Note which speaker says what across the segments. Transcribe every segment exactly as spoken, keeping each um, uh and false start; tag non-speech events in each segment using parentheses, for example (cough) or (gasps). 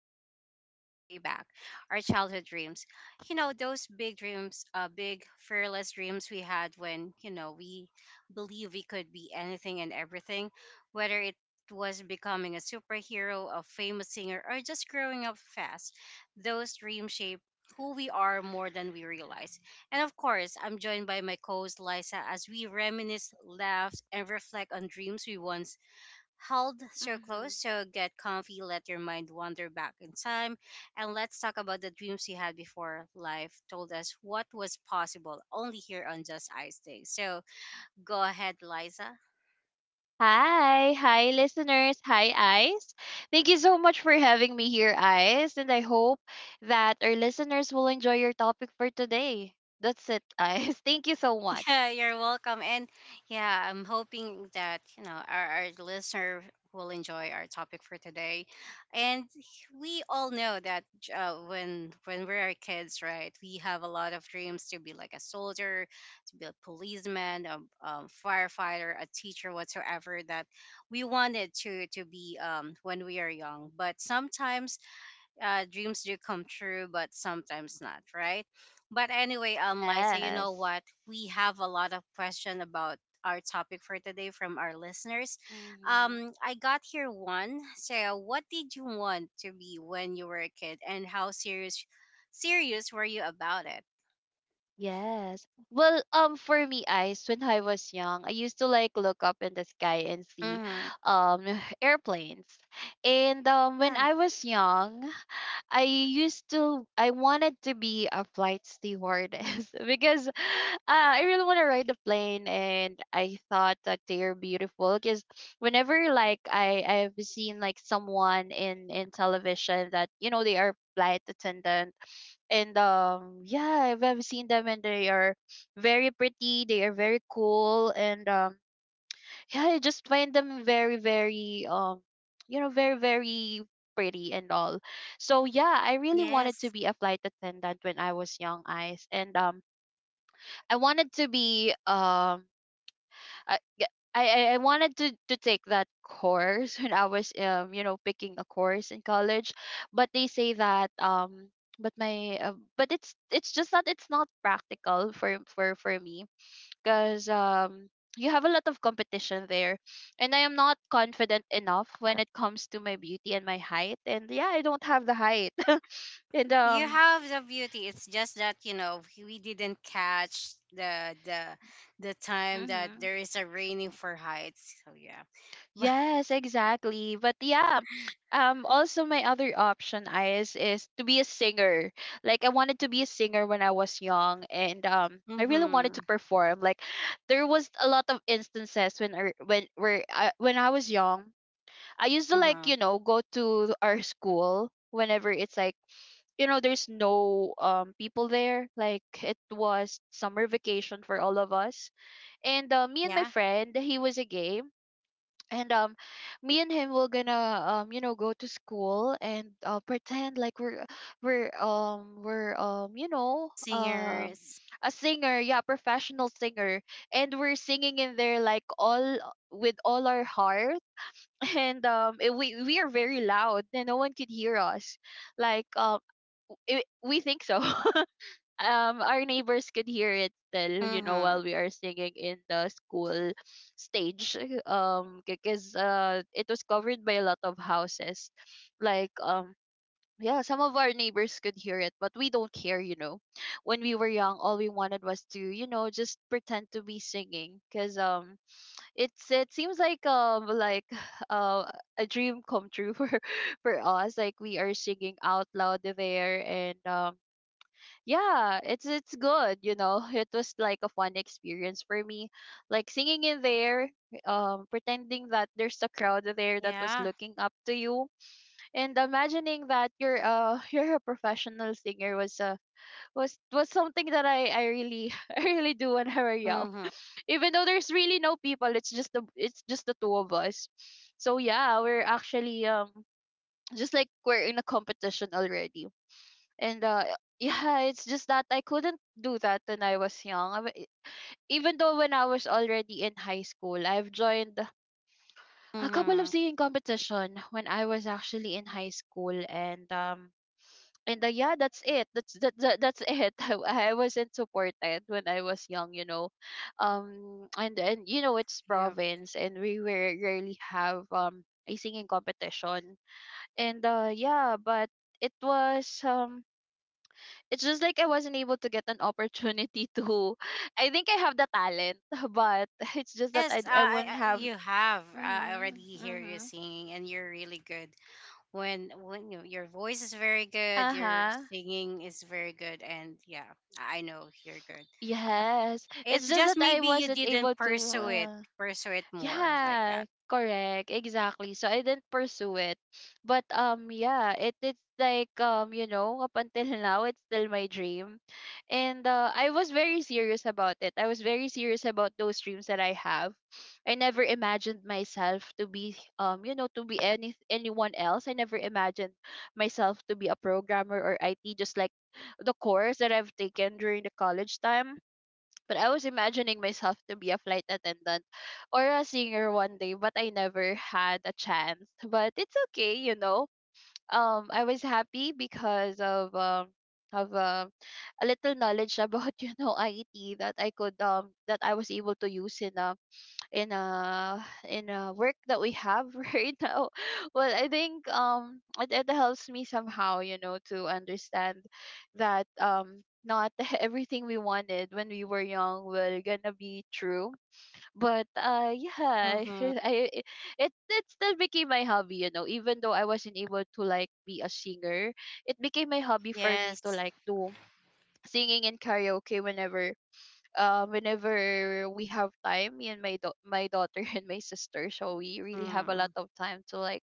Speaker 1: that takes us way back, our childhood dreams. You know, those big dreams, uh, big, fearless dreams we had when, you know, we believe we could be anything and everything, whether it was becoming a superhero, a famous singer, or just growing up fast. Those dreams shape who we are more than we realize. And of course, I'm joined by my co host Liza as we reminisce, laugh, and reflect on dreams we once held so
Speaker 2: Mhm.
Speaker 1: close. So get comfy, let your mind wander back in time, and let's talk about the dreams we had before life told us what was possible only here on Just Ice Day. So go ahead, Liza.
Speaker 2: Hi, hi listeners. Hi, Ice. Thank you so much for having me here, Ice. And I hope that our listeners will enjoy your topic for today. That's it, Ice. (laughs) Thank you so much.
Speaker 1: (laughs) Yeah, you're welcome. And yeah, I'm hoping that, you know, our, our listener will enjoy our topic for today. And we all know that uh, when when we are kids, right, we have a lot of dreams to be like a soldier, to be a policeman, a, um firefighter, a teacher, whatsoever that we wanted to to be um, when we are young. But sometimes uh, dreams do come true, but sometimes not, right? But anyway, um, Liza, you know
Speaker 2: Yes.
Speaker 1: what? We have a lot of question about our topic for today from our listeners.
Speaker 2: Mm-hmm.
Speaker 1: Um, I got here one. So, what did you want to be when you were a kid, and how serious serious were you about it?
Speaker 2: Yes. Well, um, for me, Ice, when I was young, I used to like look up in the sky and see
Speaker 1: Mm-hmm.
Speaker 2: um (sighs) airplanes. And um when
Speaker 1: Yeah.
Speaker 2: I was young, I used to I wanted to be a flight stewardess (laughs) because uh, I really want to ride the plane, and I thought that they are beautiful because whenever, like, I I've seen like someone in in television that, you know, they are flight attendant. And um yeah, I've, I've seen them and they are very pretty, they are very cool, and um yeah, I just find them very, very, um, you know, very, very pretty and all. So yeah, I really wanted to
Speaker 1: Yes.
Speaker 2: be a flight attendant when I was young, eyes, and um, I wanted to be um, I g- I, I I wanted to to take that course (laughs) when I was um, you know, picking a course in college, but they say that um. But my, uh, but it's it's just that it's not practical for for for me, because um you have a lot of competition there, and I am not confident enough when it comes to my beauty and my height. And yeah, I don't have the height (laughs) and
Speaker 1: You
Speaker 2: um
Speaker 1: have the beauty. It's just that you know we didn't catch the the the time that
Speaker 2: mhm.
Speaker 1: there is a raining for heights. So yeah, (laughs) but
Speaker 2: Yes, exactly. But yeah, um also my other option is is to be a singer. Like, I wanted to be a singer when I was young, and um I really wanted to
Speaker 1: mm-hmm,
Speaker 2: perform. Like, there was a lot of instances when I, when where I, when I was young, I used to, like,
Speaker 1: mm-hmm,
Speaker 2: you know, go to our school whenever it's like, you know, there's no um people there. Like, it was summer vacation for all of us. And uh, me and my
Speaker 1: yeah,
Speaker 2: friend, he was a gay. And um me and him were gonna um you know, go to school, and uh, pretend like we're we're um we're um you know, uh,
Speaker 1: singers.
Speaker 2: a singer, yeah, professional singer, and we're singing in there like all, with all our heart. And um it, we we are very loud and no one could hear us, like, um it, we think so. (laughs) Um our neighbors could hear it still, you know,
Speaker 1: Mm-hmm.
Speaker 2: while we are singing in the school stage, um because uh it was covered by a lot of houses. Like, um yeah, some of our neighbors could hear it, but we don't care, you know. When we were young, all we wanted was to, you know, just pretend to be singing, because um it's it seems like, um like, (sighs) uh, a dream come true for (laughs) for us. Like, we are singing out loud there, and um yeah, it's it's good, you know. (laughs) It was like a fun experience for me, like singing in there, um pretending that there's a crowd there that was
Speaker 1: Yeah.
Speaker 2: looking up to you, and imagining that you're uh (laughs) you're a professional singer, was uh was was something that i i really (laughs) I really do when I were young,
Speaker 1: Mm-hmm.
Speaker 2: even though there's really no people. It's just the, it's just the two of us. So yeah, we're actually um just like we're in a competition already. And uh (laughs) yeah, it's just that I couldn't do that when I was young. I w- even though when I was already in high school, I've joined a couple of
Speaker 1: Mm-hmm.
Speaker 2: singing competition when I was actually in high school. And um and uh, yeah, that's it, that's that, that that's it. (laughs) I, I wasn't supported when I was young, you know, um and and you know, it's
Speaker 1: Yeah.
Speaker 2: province and we rare- rarely have um a singing competition. And uh yeah, but it was um it's just like I wasn't able to get an opportunity to (laughs) I think I have the talent (laughs) but it's just that i,
Speaker 1: Yes, uh,
Speaker 2: I
Speaker 1: I,
Speaker 2: wouldn't
Speaker 1: I,
Speaker 2: have
Speaker 1: you have. Uh, I
Speaker 2: mhm
Speaker 1: already hear you
Speaker 2: mhm
Speaker 1: singing, and you're really good. When when you, your voice is very good, your
Speaker 2: uh-huh
Speaker 1: singing is very good, and yeah, I know you're good.
Speaker 2: yes, it's
Speaker 1: It's
Speaker 2: just that
Speaker 1: just
Speaker 2: I
Speaker 1: maybe you
Speaker 2: wasn't able
Speaker 1: didn't
Speaker 2: to.
Speaker 1: pursue it,
Speaker 2: Uh,
Speaker 1: pursue it more like
Speaker 2: Yeah,
Speaker 1: that.
Speaker 2: correct. Exactly. So I didn't pursue it. But um yeah, it it's like, um you know, up until (laughs) now it's still my dream. And uh, I was very serious about it. I was very serious about those dreams that I have. I never imagined myself to be, um you know, to be any anyone else. I never imagined myself to be a programmer or I T, just like the course that I've taken during the college time. But I was imagining myself to be a flight attendant or a singer one day, but I never had a chance. But it's okay, you know. Um, I was happy because of um of um a little knowledge about (laughs) you know, I T, that I could um that I was able to use in a in a in a work that we have (laughs) right now. Well, I think um it, it helps me somehow, you know, to understand that um not (laughs) everything we wanted when we were young will gonna be true. But uh yeah, (laughs)
Speaker 1: Mm-hmm.
Speaker 2: I it it still became my hobby, you know, even though I wasn't able to, like, be a singer. It became my hobby for me to,
Speaker 1: Yes.
Speaker 2: like, do singing in karaoke whenever uh, whenever we have time, me and my do- my daughter (laughs) and my sister. So we really have a lot
Speaker 1: Mm.
Speaker 2: of time to, like,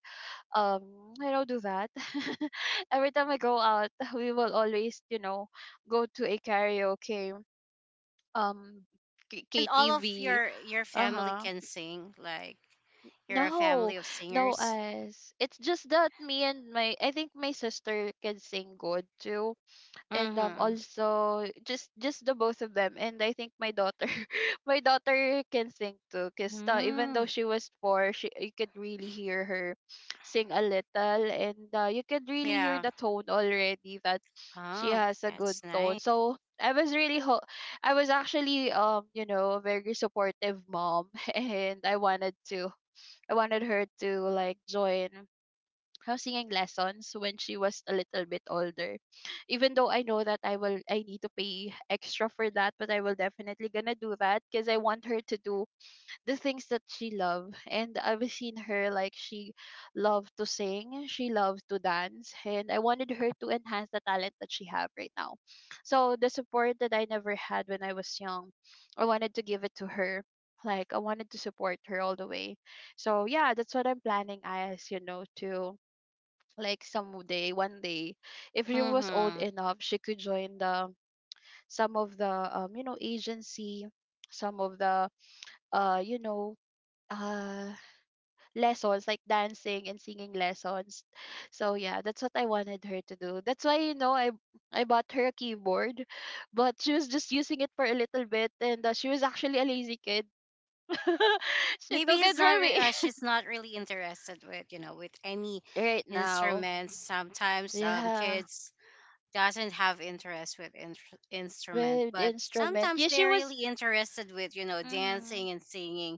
Speaker 2: um, I don't do that. (laughs) Every time I go out, (laughs) we will always, you know, go to a karaoke, um, K-
Speaker 1: And all of
Speaker 2: KTV.
Speaker 1: your your
Speaker 2: Uh
Speaker 1: family
Speaker 2: huh.
Speaker 1: can sing. Like you're a
Speaker 2: No,
Speaker 1: family of
Speaker 2: no,
Speaker 1: singers.
Speaker 2: as it's just that me and my, I think my sister can sing good too. And um
Speaker 1: Mm-hmm.
Speaker 2: also just just the both of them. And I think my daughter (laughs) my daughter can sing too, because uh, even though
Speaker 1: Mm.
Speaker 2: she was four, she, you could really hear her sing a little. And uh, you could really hear
Speaker 1: Yeah.
Speaker 2: the tone already, that she
Speaker 1: Oh,
Speaker 2: has a good
Speaker 1: that's
Speaker 2: tone.
Speaker 1: nice.
Speaker 2: So I was really ho- I was actually, um you know, a very supportive mom (laughs) and I wanted to, I wanted her to, like, join her singing lessons when she was a little bit older. Even though I know that i will I need to pay extra for that, but I will definitely gonna do that, because I want her to do the things that she love. And I've seen her, like, she loved to sing, she loved to dance, and I wanted her to enhance the talent that she have right now. So the support that I never had when I was young, I wanted to give it to her. Like, I wanted to support her all the way. So yeah, that's what I'm planning, as you know, to, like, someday, one day, if she was old
Speaker 1: Mm-hmm.
Speaker 2: enough, she could join the some of the, um you know, agency, some of the uh you know, uh lessons, like dancing and singing lessons. So yeah, that's what I wanted her to do. That's why, you know, i i bought her a keyboard, but she was just using it for a little bit. And uh, she was actually a lazy kid. (laughs) She
Speaker 1: Maybe
Speaker 2: took it
Speaker 1: he's not.
Speaker 2: from
Speaker 1: re- Uh,
Speaker 2: me.
Speaker 1: she's not really interested with you know with any
Speaker 2: (laughs) Right now,
Speaker 1: instruments. Sometimes um
Speaker 2: yeah,
Speaker 1: kids doesn't have interest with in- instrument
Speaker 2: with
Speaker 1: but
Speaker 2: instrument,
Speaker 1: sometimes
Speaker 2: yeah, she
Speaker 1: they're
Speaker 2: was.
Speaker 1: really interested with you know
Speaker 2: Mm-hmm.
Speaker 1: dancing and singing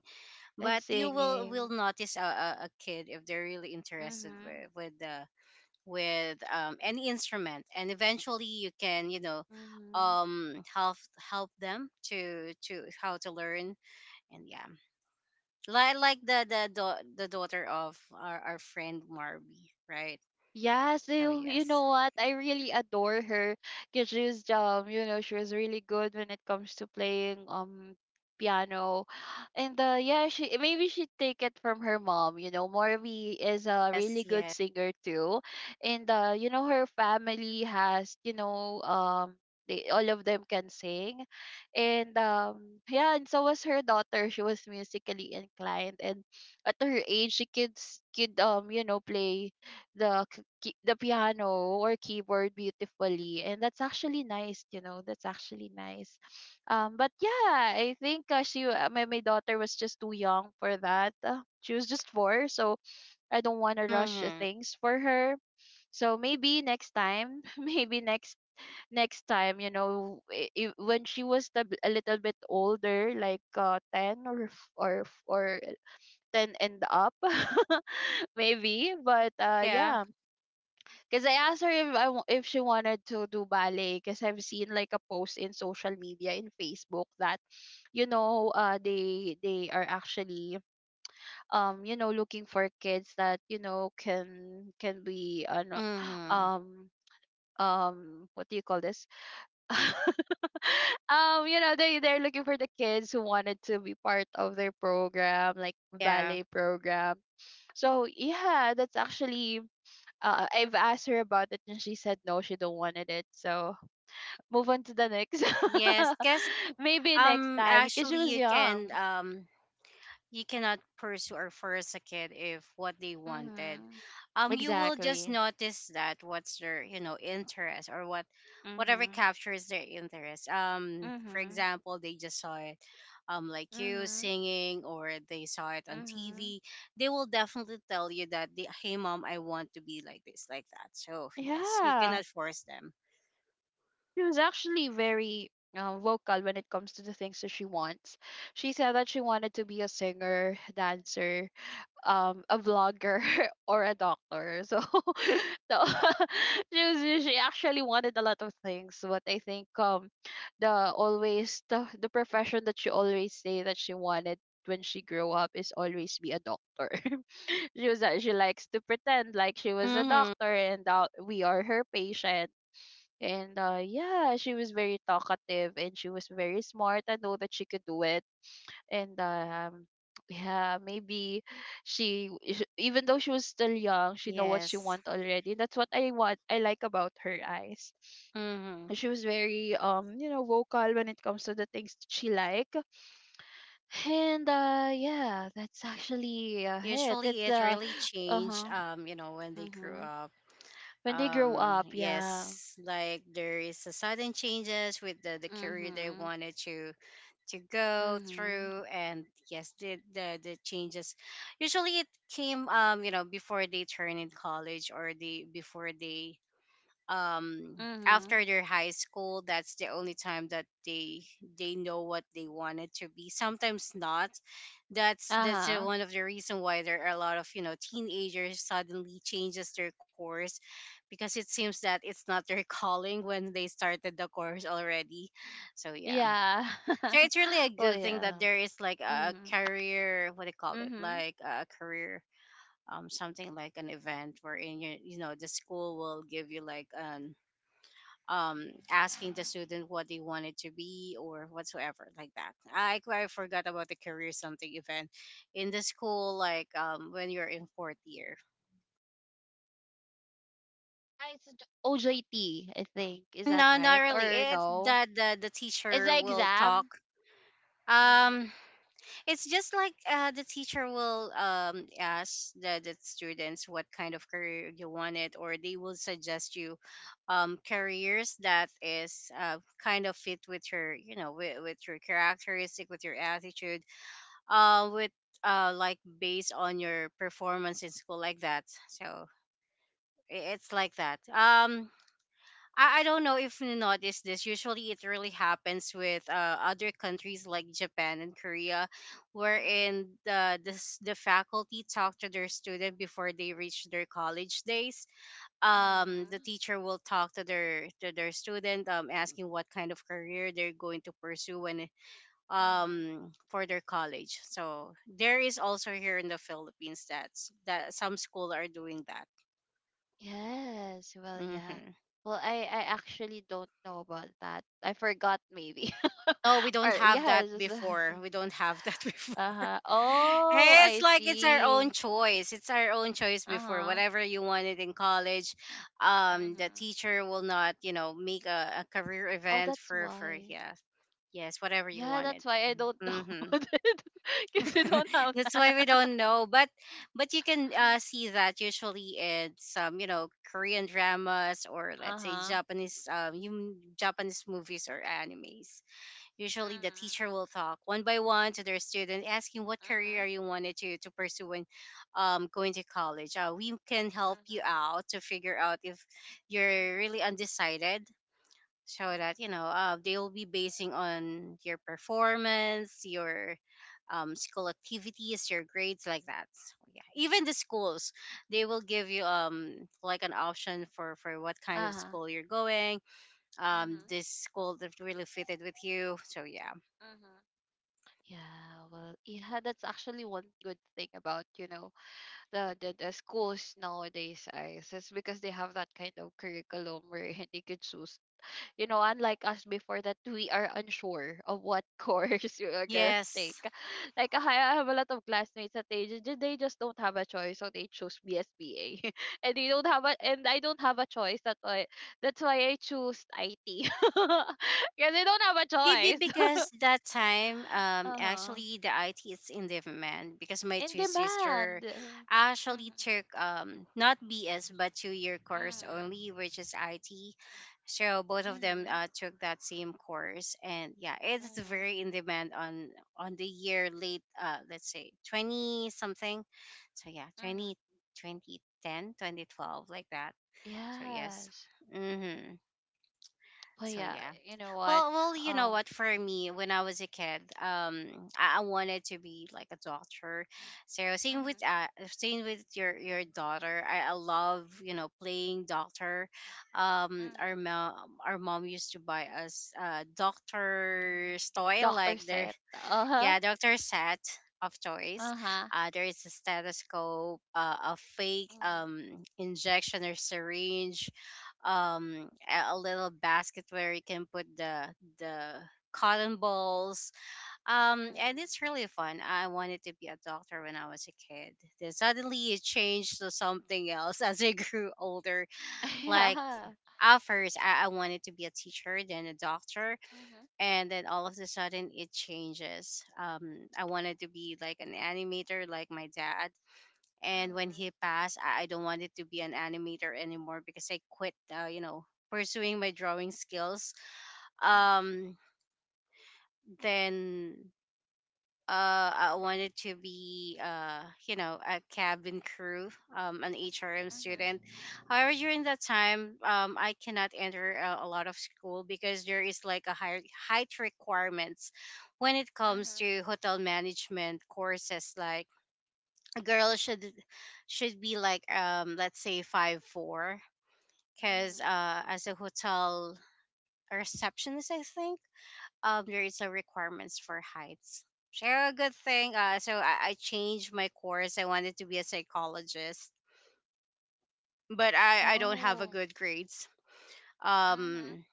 Speaker 2: And
Speaker 1: but you will will
Speaker 2: singing.
Speaker 1: notice a, a, a kid if they're really interested
Speaker 2: Mhm.
Speaker 1: with with the with um, any instrument and eventually you can you know
Speaker 2: Mhm.
Speaker 1: um help help them to to how to learn and yeah like like the the da- the daughter of our, our friend Marby, right?
Speaker 2: Yeah,
Speaker 1: So
Speaker 2: so you
Speaker 1: yes,
Speaker 2: know what? I really adore her because she's, um, you know, she was really good when it comes to playing um piano. And uh yeah, she maybe she take it from her mom, you know. Morvi is a really
Speaker 1: yes,
Speaker 2: good
Speaker 1: yes,
Speaker 2: singer too. And uh, you know, her family has, you know, um they, all of them can sing. And um yeah, and so was her daughter. She was musically inclined and at her age she kids could um, you know, play the k- key- the piano or keyboard beautifully, and that's actually nice you know that's actually nice. Um but yeah, I think uh, she uh, my, my daughter was just too young for that. Uh, she was just four, so I don't want to rush the
Speaker 1: mm-hmm,
Speaker 2: things for her. So maybe next time, (laughs) maybe next next time, you know, i i- when she was a, b- a little bit older, like uh, ten, or f- or f- or ten and up. (laughs) Maybe, but uh
Speaker 1: yeah,
Speaker 2: yeah, because I asked her if I wa- if she wanted to do ballet, because I've seen like a post in social media, in Facebook, that you know uh they they are actually um you know looking for kids that you know can can be ano, (gasps)
Speaker 1: mm-hmm.
Speaker 2: um um what do you call this? (laughs) um you know they they're looking for the kids who wanted to be part of their program, like
Speaker 1: Yeah.
Speaker 2: ballet program. So yeah, that's actually uh, I've asked her about it, and she said no, she don't wanted it. So move on to the next.
Speaker 1: Yes,
Speaker 2: (laughs)
Speaker 1: because
Speaker 2: Maybe next
Speaker 1: um
Speaker 2: time, because she
Speaker 1: actually
Speaker 2: was
Speaker 1: you
Speaker 2: young.
Speaker 1: can um you cannot pursue or force a kid if what they wanted.
Speaker 2: Mm-hmm.
Speaker 1: Um, you will just
Speaker 2: Exactly.
Speaker 1: notice that what's their, you know, interest or what whatever
Speaker 2: Mm-hmm.
Speaker 1: captures their interest. Um, for
Speaker 2: Mm-hmm.
Speaker 1: example, they just saw it um like you
Speaker 2: Mm-hmm.
Speaker 1: singing or they saw it on T V.
Speaker 2: Mm-hmm.
Speaker 1: They will definitely tell you that they, hey mom, I want to be like this, like that. So, yes, you
Speaker 2: Yeah.
Speaker 1: cannot force them.
Speaker 2: She was actually very uh, vocal when it comes to the things that she wants. She said that she wanted to be a singer, dancer, um a vlogger, (laughs) or a doctor. So, (laughs) so (laughs) she was she actually wanted a lot of things, but I think um the always the, the profession that she always say that she wanted when she grew up is always be a doctor. (laughs) She was uh, she likes to pretend like she was a
Speaker 1: Mhm.
Speaker 2: doctor, and uh, we are her patient. And uh, yeah, she was very talkative and she was very smart. I know that she could do it, and um yeah, maybe she is- even though she was still young, she know what she
Speaker 1: Yes.
Speaker 2: want already. That's what I want, I like about her eyes.
Speaker 1: Mhm.
Speaker 2: She was very um you know vocal when it comes to the things that she like. And uh yeah, that's actually uh, it
Speaker 1: Usually
Speaker 2: it's
Speaker 1: it
Speaker 2: uh
Speaker 1: really changed,
Speaker 2: uh-huh.
Speaker 1: um, you know, when they grew
Speaker 2: Mm-hmm.
Speaker 1: up.
Speaker 2: When they grow
Speaker 1: Um,
Speaker 2: up, yeah.
Speaker 1: yes, like there is a sudden changes with the, the career they
Speaker 2: Mm-hmm.
Speaker 1: wanted to to go
Speaker 2: Mm-hmm.
Speaker 1: through and yes, the, the the changes usually it came um, you know, before they turn in college or they before they um
Speaker 2: Mm-hmm.
Speaker 1: after their high school that's the only time that they they know what they wanted to be sometimes not. That's that's the-
Speaker 2: Uh-huh.
Speaker 1: one of the reason why there are a lot of you know teenagers suddenly changes their course because it seems that it's not their (laughs) calling when they started the course already so yeah.
Speaker 2: Yeah.
Speaker 1: So
Speaker 2: (laughs)
Speaker 1: it's really a
Speaker 2: Oh
Speaker 1: good thing that
Speaker 2: yeah.
Speaker 1: there is like a
Speaker 2: Mm-hmm.
Speaker 1: career what do you call it
Speaker 2: Mm-hmm.
Speaker 1: like a career um something like an event wherein you you know the school will give you like an um, asking the student what they wanted to be or whatsoever like that. I I forgot about the career something event in the school, like um, when you're in fourth year.
Speaker 2: Yeah, it's d- O J T, I think. Is that
Speaker 1: No, not
Speaker 2: right?
Speaker 1: really.
Speaker 2: Or
Speaker 1: It's
Speaker 2: no?
Speaker 1: that the, the
Speaker 2: It's
Speaker 1: teacher
Speaker 2: the
Speaker 1: will
Speaker 2: exam.
Speaker 1: talk.
Speaker 2: Mm-hmm.
Speaker 1: Um, it's just like uh, the teacher will um, ask the, the students what kind of career you wanted, or they will suggest you um, careers that is uh, kind of fit with your, you know, with, with your characteristic, with your attitude uh with uh like based on your performance in school like that, so i- it's like that. Um I, I don't know if you notice this usually it really happens with uh, other countries like Japan and Korea, wherein
Speaker 2: Mm-hmm.
Speaker 1: the, this the faculty talk to their student before they reach their college days. Um, the
Speaker 2: Mm-hmm.
Speaker 1: teacher will talk to their to their student, um, asking what kind of career they're going to pursue when,
Speaker 2: Mm-hmm.
Speaker 1: um, for their college, so there is also here in the Philippines, that's that some school are doing that.
Speaker 2: Yes. Well, yeah.
Speaker 1: Hmm,
Speaker 2: Well, I, I actually don't know about that. I forgot maybe.
Speaker 1: no, we
Speaker 2: (laughs)
Speaker 1: don't
Speaker 2: Or
Speaker 1: have that
Speaker 2: yes, it's,
Speaker 1: before we don't have that (laughs) before.
Speaker 2: Uh huh. Oh,
Speaker 1: Hey, it's
Speaker 2: I
Speaker 1: like it's our own
Speaker 2: see.
Speaker 1: choice it's our own choice
Speaker 2: Uh
Speaker 1: before,
Speaker 2: huh.
Speaker 1: whatever you wanted in college. Um, the
Speaker 2: Mm-hmm.
Speaker 1: teacher will not you know make a, a career
Speaker 2: Oh,
Speaker 1: event
Speaker 2: that's
Speaker 1: for for
Speaker 2: why.
Speaker 1: yeah, yes, whatever you
Speaker 2: Yeah,
Speaker 1: wanted.
Speaker 2: that's why I don't
Speaker 1: Hmm.
Speaker 2: know (laughs) about it. Because you
Speaker 1: (laughs)
Speaker 2: don't have
Speaker 1: That's why we
Speaker 2: that.
Speaker 1: don't know, but but you can uh, see that usually in some you know Korean dramas or
Speaker 2: Uh
Speaker 1: let's say
Speaker 2: huh.
Speaker 1: Japanese um you, Japanese movies or animes. Usually the teacher
Speaker 2: Mm-hmm.
Speaker 1: will talk one by one to their student asking what career you wanted to to pursue when, um, going to college. Uh, we can help you
Speaker 2: Mm-hmm.
Speaker 1: out to figure out if you're
Speaker 2: Uh-huh.
Speaker 1: really undecided so
Speaker 2: Uh-huh.
Speaker 1: that you know uh, they'll be basing on your performance your, um, school activities your grades like that. So, yeah, even the schools they will give you um like an option for for what kind of
Speaker 2: Uh-huh.
Speaker 1: school you're going, um,
Speaker 2: Mhm.
Speaker 1: this school that really fitted with you, so yeah,
Speaker 2: Mhm. Yeah, well, yeah, that's actually one good thing about, you know, the, the, the schools nowadays. I Is because they have that kind of curriculum where (laughs) they could choose, you know, unlike us before, that we are unsure of what (laughs) course we are gonna take.
Speaker 1: yes.
Speaker 2: Like, I I have a lot of classmates that they just they just don't have a choice, so they choose B S B A, (laughs) and they don't have a and I don't have a choice. That's why that's why I choose I T (laughs) because I don't have a
Speaker 1: Maybe
Speaker 2: choice. (laughs)
Speaker 1: because that time, um,
Speaker 2: uh huh.
Speaker 1: actually the I T is in demand because my
Speaker 2: In
Speaker 1: two
Speaker 2: demand.
Speaker 1: sister actually
Speaker 2: Mm-hmm.
Speaker 1: took um not B S but two year course
Speaker 2: Mm-hmm.
Speaker 1: only, which is I T. So both of them
Speaker 2: Mm-hmm.
Speaker 1: uh, took that same course, and yeah, it's
Speaker 2: Mm-hmm.
Speaker 1: very in demand on on the year late, uh, let's say twenty something. So yeah, twenty
Speaker 2: Mm-hmm.
Speaker 1: twenty ten, twenty twelve like that. So yes.
Speaker 2: Yes.
Speaker 1: Mm-hmm.
Speaker 2: But
Speaker 1: So
Speaker 2: yeah,
Speaker 1: yeah.
Speaker 2: you know what?
Speaker 1: Well, well, you know
Speaker 2: Um.
Speaker 1: what? For me, when I was a kid, um, I, I wanted to be like a doctor. So same with
Speaker 2: Mm-hmm.
Speaker 1: uh, same with your your daughter. I, I love you know playing doctor. Um, our
Speaker 2: Mm-hmm.
Speaker 1: mom our mom used to buy us uh doctor's toy
Speaker 2: Doctor
Speaker 1: like their,
Speaker 2: Seth. Uh-huh.
Speaker 1: yeah, Doctor Set of choice.
Speaker 2: Uh-huh.
Speaker 1: Uh, there is a stethoscope, uh, a fake
Speaker 2: Mhm.
Speaker 1: um, injection or syringe, um, a a little basket where you can put the the cotton balls. Um, and
Speaker 2: Mhm.
Speaker 1: it's really fun. I wanted to be a doctor when I was a kid. Then suddenly it changed to something else (laughs) as I grew older.
Speaker 2: (laughs)
Speaker 1: Like
Speaker 2: Yeah.
Speaker 1: at first, I, I wanted to be a teacher, then a doctor
Speaker 2: Mhm.
Speaker 1: and then all of a sudden it changes um I wanted to be like an animator like my dad, and when
Speaker 2: Mhm.
Speaker 1: he passed i, I don't want it to be an animator anymore because I quit uh, you know pursuing my drawing skills,
Speaker 2: Mhm.
Speaker 1: um, then uh, I wanted to be, uh, you know, a cabin crew, um, an H R M
Speaker 2: Mhm.
Speaker 1: student. However, during that time, um, I cannot enter a, a lot of school because there is like a higher height requirements when it comes
Speaker 2: Mhm.
Speaker 1: to hotel management courses. Like a girl should should be like, um, let's say five four, because
Speaker 2: Mhm.
Speaker 1: uh, as a hotel receptionist, I think um there is a requirements for heights. Share a good thing. Uh, so I, I changed my course. I wanted to be a psychologist, but I I don't have a
Speaker 2: Oh.
Speaker 1: good grades.
Speaker 2: Mhm.
Speaker 1: Um,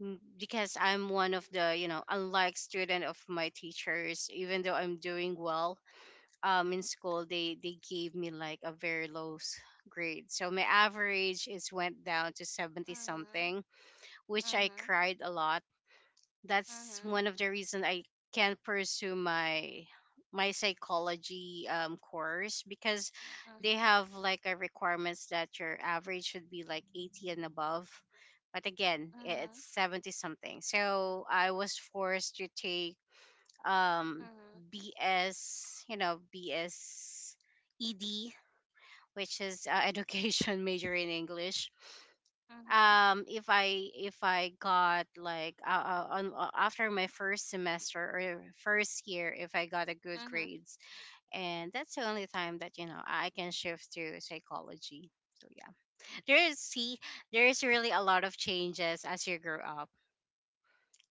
Speaker 1: m- because I'm one of the you know unlike student of my teachers, even though I'm doing well um in school, they they gave me like a very low s- grade. So my average is went down to seventy
Speaker 2: Mhm.
Speaker 1: something, which I
Speaker 2: Mhm.
Speaker 1: cried a lot. That's one of the reasons I can't pursue my my psychology um, course because they
Speaker 2: Mhm.
Speaker 1: have like a requirements that your average should be like eighty and above, but again
Speaker 2: Mhm.
Speaker 1: i-
Speaker 2: Mhm.
Speaker 1: it's seventy something, so I was forced to take um
Speaker 2: Mhm.
Speaker 1: bs you know bs ed, which is uh, (laughs) education major in English.
Speaker 2: Mhm.
Speaker 1: Um if i if i got like uh, uh, on uh, after my first semester or first year, if I got a good
Speaker 2: Mhm.
Speaker 1: grades, and that's the only time that you know I can shift to psychology. So yeah, there is see there is really a lot of changes as you grow up,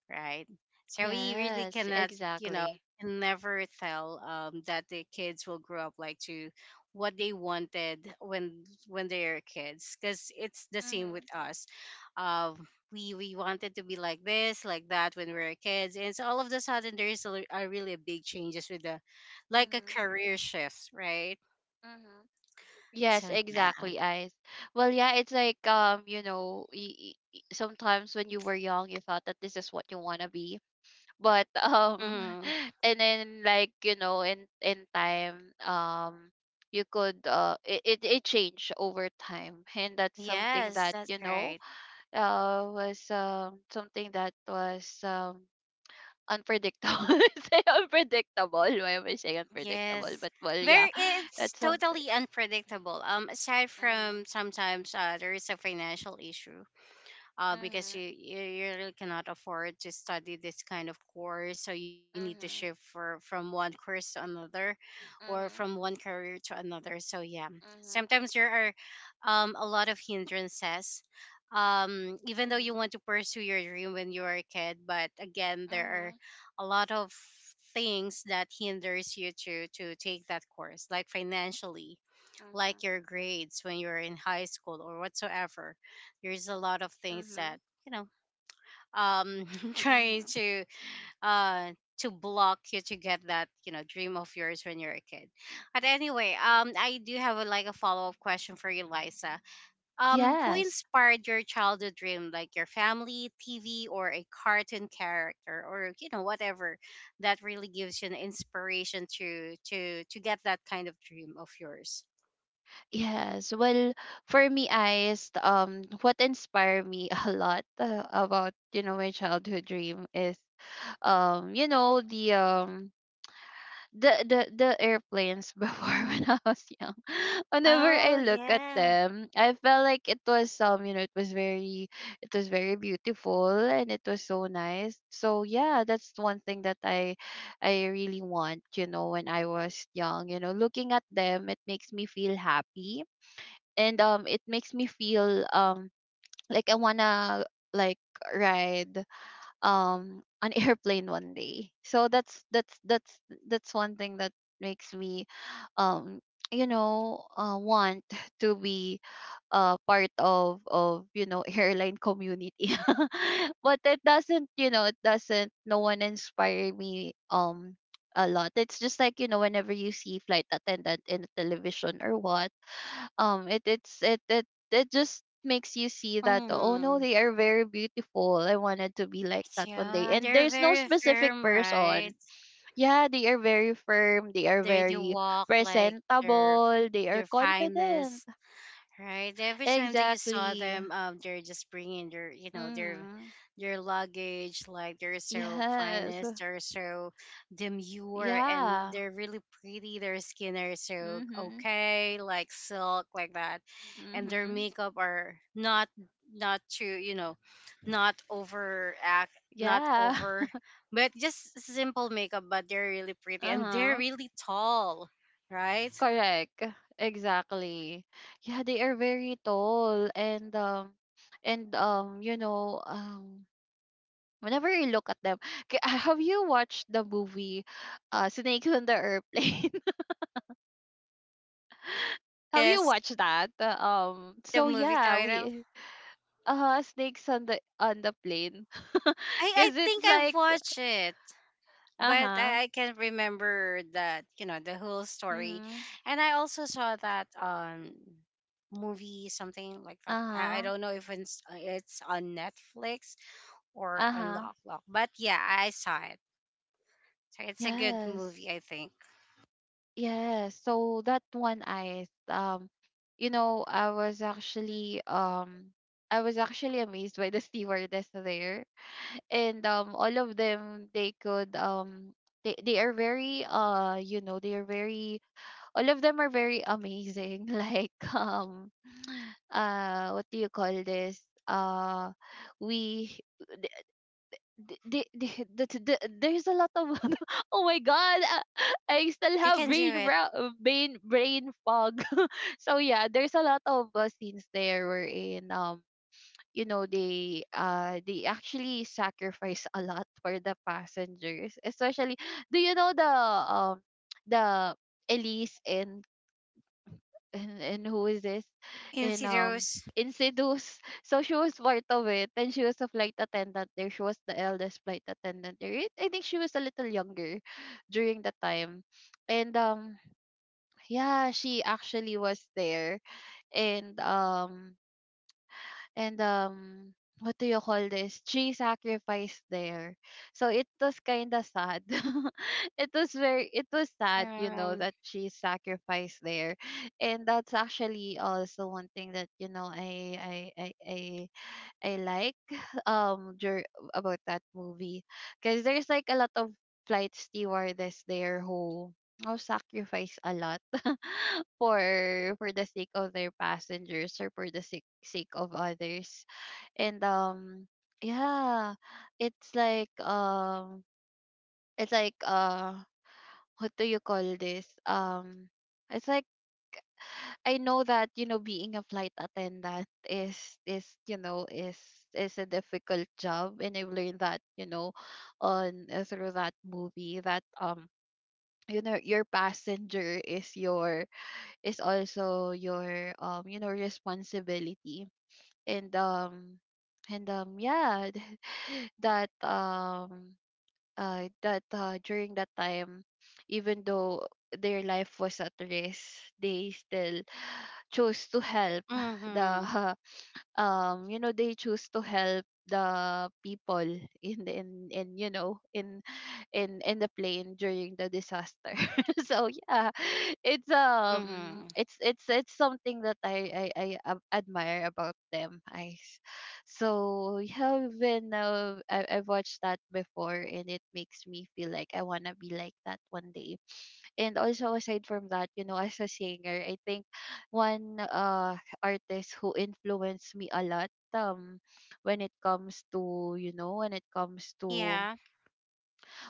Speaker 1: right? So we really
Speaker 2: Yes,
Speaker 1: cannot, you know,
Speaker 2: exactly.
Speaker 1: can never tell um, that the kids will grow up like to what they wanted when when they're kids, because it's the same
Speaker 2: Mhm.
Speaker 1: with us. Um, we we wanted to be like this, like that when we were kids, and so all of a sudden there is a, a really big changes with the, like a
Speaker 2: Mhm.
Speaker 1: career shift, right?
Speaker 2: Mhm.
Speaker 1: So
Speaker 2: Yes,
Speaker 1: yeah,
Speaker 2: exactly, Ice. Well, yeah, it's like um, you know, y y- y- sometimes when you were young, you thought that this is what you want to be. But, um,
Speaker 1: mhm,
Speaker 2: (laughs) and then, like, you know, in in time, um, you could uh it, it, it changed over time. And that's something
Speaker 1: yes,
Speaker 2: that,
Speaker 1: that's
Speaker 2: you know,
Speaker 1: right.
Speaker 2: uh was um something that was um unpredictable. (laughs) Say unpredictable. Why am I saying unpredictable?
Speaker 1: Yes.
Speaker 2: But well, yeah,
Speaker 1: There, it's
Speaker 2: that's something.
Speaker 1: totally unpredictable. Um aside
Speaker 2: Mm-hmm.
Speaker 1: from sometimes uh, there is a financial issue, uh, because you,
Speaker 2: Mm-hmm.
Speaker 1: you, you really cannot afford to study this kind of course, so you need to shift
Speaker 2: Mm-hmm.
Speaker 1: for, from one course to another, or from one career to another. So yeah,
Speaker 2: Mm-hmm.
Speaker 1: sometimes there are um, a lot of hindrances, um, even though you
Speaker 2: Mm-hmm.
Speaker 1: want to pursue your dream when you are a kid, but again there are
Speaker 2: Mm-hmm.
Speaker 1: a lot of things that hinders you to to take that course, like financially, like your
Speaker 2: Mm-hmm.
Speaker 1: grades when you're in high school or whatsoever. There's a lot of things that,
Speaker 2: Mm-hmm.
Speaker 1: you know, um (laughs) trying to uh to block you to get that, you know, dream of yours when you're a kid. But anyway, um
Speaker 2: Mm-hmm.
Speaker 1: I do have a, like a follow-up question for you, Liza. Um, who
Speaker 2: Yes.
Speaker 1: inspired your childhood dream, like your family, T V, or a cartoon character, or you know, whatever that really gives you an inspiration to to to get that kind of dream of yours?
Speaker 2: Yes. Well, for me, Ice, um, what inspired me (laughs) a lot uh, about, you know, my childhood dream is um you know the um the the the airplanes (laughs) before, when I was young. (laughs) Whenever I
Speaker 1: Oh
Speaker 2: look at
Speaker 1: yeah.
Speaker 2: them, I felt like it was um you know it was very, it was very beautiful, and it was so nice. So yeah, that's one thing that I I really want. You know, when I was young, you know, looking at them, it makes me feel happy, and um it makes me feel um like I wanna like ride um (laughs) an airplane one day. So that's that's that's that's one thing that makes me um you know uh, want (laughs) to be uh part of of you know, airline community. (laughs) But it doesn't, you know, it doesn't, no one inspire me um a lot. It's just like, you know, whenever you see flight attendant in the television or what. Um it it's it it It just makes you see that, oh no,
Speaker 1: Mm.
Speaker 2: they are very beautiful. I wanted to be like that one day,
Speaker 1: Yeah,
Speaker 2: and
Speaker 1: they're
Speaker 2: there's no
Speaker 1: very
Speaker 2: specific
Speaker 1: firm, right?
Speaker 2: person. Yeah, they are very firm, they are
Speaker 1: They do
Speaker 2: very
Speaker 1: walk like their
Speaker 2: presentable, they are
Speaker 1: their
Speaker 2: confident.
Speaker 1: finest. Right. Every time that you saw
Speaker 2: Exactly.
Speaker 1: them, um, they're just bringing their, you know, their,
Speaker 2: Mm-hmm.
Speaker 1: their luggage. Like, they're so
Speaker 2: Yes.
Speaker 1: finest, they're so demure, and
Speaker 2: Yeah.
Speaker 1: they're really pretty. Their skin are so
Speaker 2: Mm-hmm.
Speaker 1: okay, like silk, like that, and their
Speaker 2: Mm-hmm.
Speaker 1: makeup are not, not too, you know, not overact, not
Speaker 2: Yeah. (laughs)
Speaker 1: over, but just simple makeup. But they're really pretty, and they're
Speaker 2: Uh-huh.
Speaker 1: really tall, right?
Speaker 2: Correct. Exactly. Yeah, they are very tall, and um and um you know um whenever you look at them, K- (laughs) have you watched the movie uh Snakes on the Airplane? (laughs) Have you
Speaker 1: Yes.
Speaker 2: watched that? Uh, Um
Speaker 1: The
Speaker 2: so
Speaker 1: movie
Speaker 2: yeah,
Speaker 1: title.
Speaker 2: we uh Snakes on the on the plane.
Speaker 1: I
Speaker 2: (laughs)
Speaker 1: I
Speaker 2: Cuz it's
Speaker 1: think I've
Speaker 2: like
Speaker 1: watched it, but
Speaker 2: uh-huh.
Speaker 1: I, I can't remember that you know the whole story.
Speaker 2: Mhm.
Speaker 1: And I also saw that um movie something like that. I, I
Speaker 2: Uh-huh.
Speaker 1: don't know if it's uh, it's on Netflix or on
Speaker 2: Uh-huh.
Speaker 1: Lock Lock, but yeah, I saw it. So it's a good
Speaker 2: Yes.
Speaker 1: movie, I think.
Speaker 2: Yes, so that one I um you know, I was actually um I was actually amazed by the (laughs) stewardess there. And um all of them, they could um they, they are very uh you know, they are very, all of them are very amazing. (laughs) Like um uh what do you call this? Uh we th- they, they, the, the, there's a lot of (laughs) oh my god. I still
Speaker 1: You
Speaker 2: have
Speaker 1: can do
Speaker 2: brain
Speaker 1: it.
Speaker 2: ra- brain brain fog. So yeah, there's a lot of uh, scenes there, wherein um you know, they uh they actually sacrifice a lot (laughs) for the passengers, especially do you know the um the Elise and and, and who is this in um
Speaker 1: Insidious.
Speaker 2: in Seduce. (laughs) So she was part of it, and she was a flight attendant there. She was the eldest flight attendant there. It- I think she was a little younger (sighs) during the time. And um yeah, she actually was there, and um and um what do you call this, tree sacrifice there. So it was kind of sad. (laughs) It was very, it was sad, you know,
Speaker 1: Um.
Speaker 2: that she sacrificed there. And that's actually also one thing that, you know i i i, I I like (laughs) um dur- about that movie, because there's like a lot of flight stewardess there who who sacrifice a lot (laughs) for for the sake of their passengers, or for the sake, sake of others. And um yeah, it's like um it's like uh what do you call this, um it's like, I know that, you know, being a flight attendant is is you know is is a difficult job. And I've learned that, you know, on uh, through that movie that um you know, your passenger is your is also your um you know responsibility. And um and um yeah, (laughs) that um uh, that uh, during that time, even though their life was at risk, they still (sighs) chose to help the
Speaker 1: Mhm.
Speaker 2: (laughs) um you know they choose to help the people in the in in you know in in in the plane during the disaster. (laughs) So yeah, it's um
Speaker 1: Mhm.
Speaker 2: it's it's it's something that i i, I ab- admire about them. I s- so yeah, even uh, I, I've watched that before, and it makes me feel like I want to be like that one day. And also, aside from that, you know, as a singer, I think one uh artist who influenced me a lot um when it comes to, you know, when it comes to
Speaker 1: Yeah.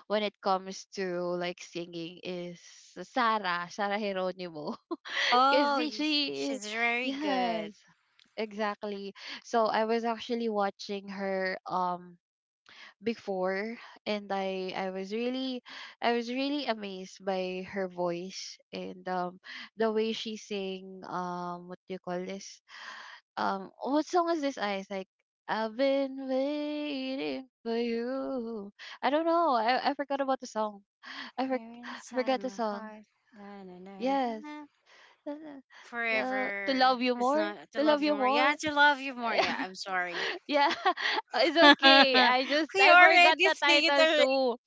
Speaker 2: when it comes to like singing is Sarah, Sarah Geronimo. (laughs) Cause
Speaker 1: Oh, y-
Speaker 2: she,
Speaker 1: she's very good.
Speaker 2: yes, exactly. So I was actually watching her um before, and I I was really, I was really amazed by her voice, and um the way she sang um what do you call this, um what song is this I like? I've been waiting for you. I don't know, I I forgot about the song. I, for,
Speaker 1: Here
Speaker 2: I
Speaker 1: inside
Speaker 2: forgot the
Speaker 1: my
Speaker 2: song.
Speaker 1: heart. Na, na, na, na,
Speaker 2: Yes.
Speaker 1: na.
Speaker 2: (laughs) The, to
Speaker 1: Forever.
Speaker 2: love you
Speaker 1: It's
Speaker 2: more,
Speaker 1: not to
Speaker 2: to
Speaker 1: love
Speaker 2: love
Speaker 1: you
Speaker 2: you
Speaker 1: more. Yeah,
Speaker 2: more.
Speaker 1: to love you more. Yeah, I'm sorry.
Speaker 2: (laughs) Yeah, (laughs)
Speaker 1: (laughs)
Speaker 2: it's okay,
Speaker 1: we
Speaker 2: I just I forgot
Speaker 1: already
Speaker 2: the
Speaker 1: sing it
Speaker 2: title
Speaker 1: already.
Speaker 2: too.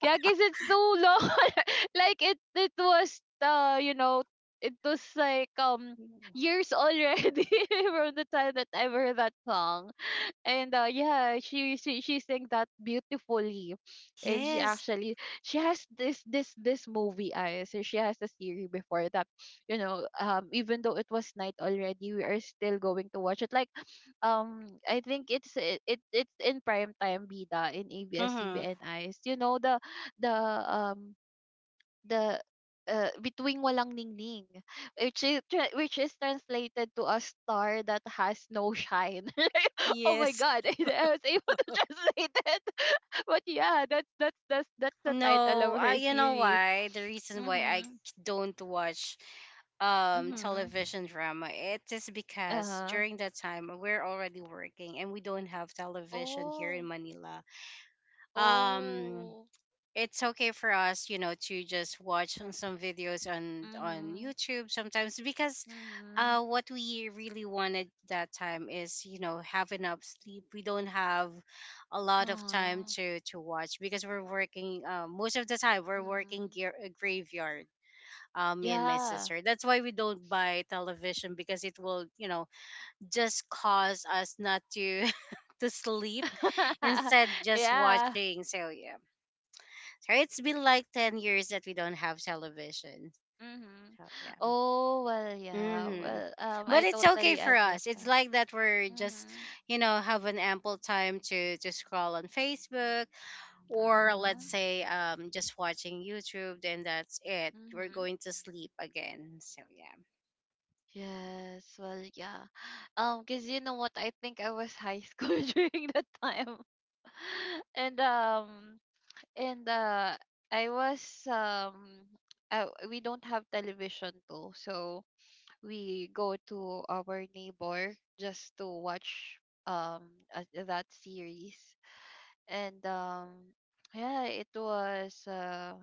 Speaker 2: Yeah, because it's too long. (laughs) Like, it it was uh, you know, it was like um years already (laughs) from the time that I heard that song. And uh, yeah, she, she she sang that beautifully. And she
Speaker 1: Yes.
Speaker 2: actually, she has this this this movie, I so she has a series before that, you know. Um, even though it was night already, we are still going to watch it. Like, um I think it's it, it it's in prime time bida in
Speaker 1: Mm-hmm.
Speaker 2: A B S-C B N, eyes, you know, the the um the uh, between walang ningning, which is tra- which is translated to a star that has no shine. (laughs) Like, oh my
Speaker 1: Yes.
Speaker 2: god, (laughs) I was able to translate it. (laughs) But yeah, that's that's that's that's the title
Speaker 1: No,
Speaker 2: of
Speaker 1: I,
Speaker 2: her
Speaker 1: you know
Speaker 2: series.
Speaker 1: why? The reason why I
Speaker 2: Mhm.
Speaker 1: don't watch um
Speaker 2: Mhm.
Speaker 1: television drama, it is because
Speaker 2: Uh-huh.
Speaker 1: during that time we're already working and we don't have television here
Speaker 2: Oh.
Speaker 1: in Manila. um
Speaker 2: Oh.
Speaker 1: it's okay for us, you know, to just watch on some videos on on
Speaker 2: Mhm.
Speaker 1: YouTube sometimes, because
Speaker 2: Mhm.
Speaker 1: uh what we really wanted that time is, you know, have enough sleep. We don't have a lot of time
Speaker 2: Uh-huh.
Speaker 1: to to watch because we're working, uh, most of the time we're working
Speaker 2: Mhm.
Speaker 1: gear, uh, graveyard, uh, me and my
Speaker 2: Yeah.
Speaker 1: sister. That's why we don't buy television, because it will, you know, just cause us not to (laughs) to sleep
Speaker 2: (laughs)
Speaker 1: instead just
Speaker 2: Yeah.
Speaker 1: watching, so yeah. So it's been like ten years that we don't have television.
Speaker 2: Mhm.
Speaker 1: So, yeah.
Speaker 2: Oh, well, yeah.
Speaker 1: Hmm.
Speaker 2: Well, um,
Speaker 1: But
Speaker 2: I
Speaker 1: it's okay
Speaker 2: totally
Speaker 1: for us. It's
Speaker 2: understand.
Speaker 1: like that we're just,
Speaker 2: Mhm.
Speaker 1: you know, have an ample time to, to scroll on Facebook, or let's
Speaker 2: Mhm.
Speaker 1: say um, just watching YouTube. Then that's it. We're
Speaker 2: Mhm.
Speaker 1: going to sleep again. So, yeah.
Speaker 2: Yes. Well, yeah. Um, cause you know what? I think I was high school (laughs) during that time, (laughs) and um, and uh, I was um. Uh, we don't have television too, so we go to our neighbor just to watch um uh, that series. And um, Yeah, it was uh,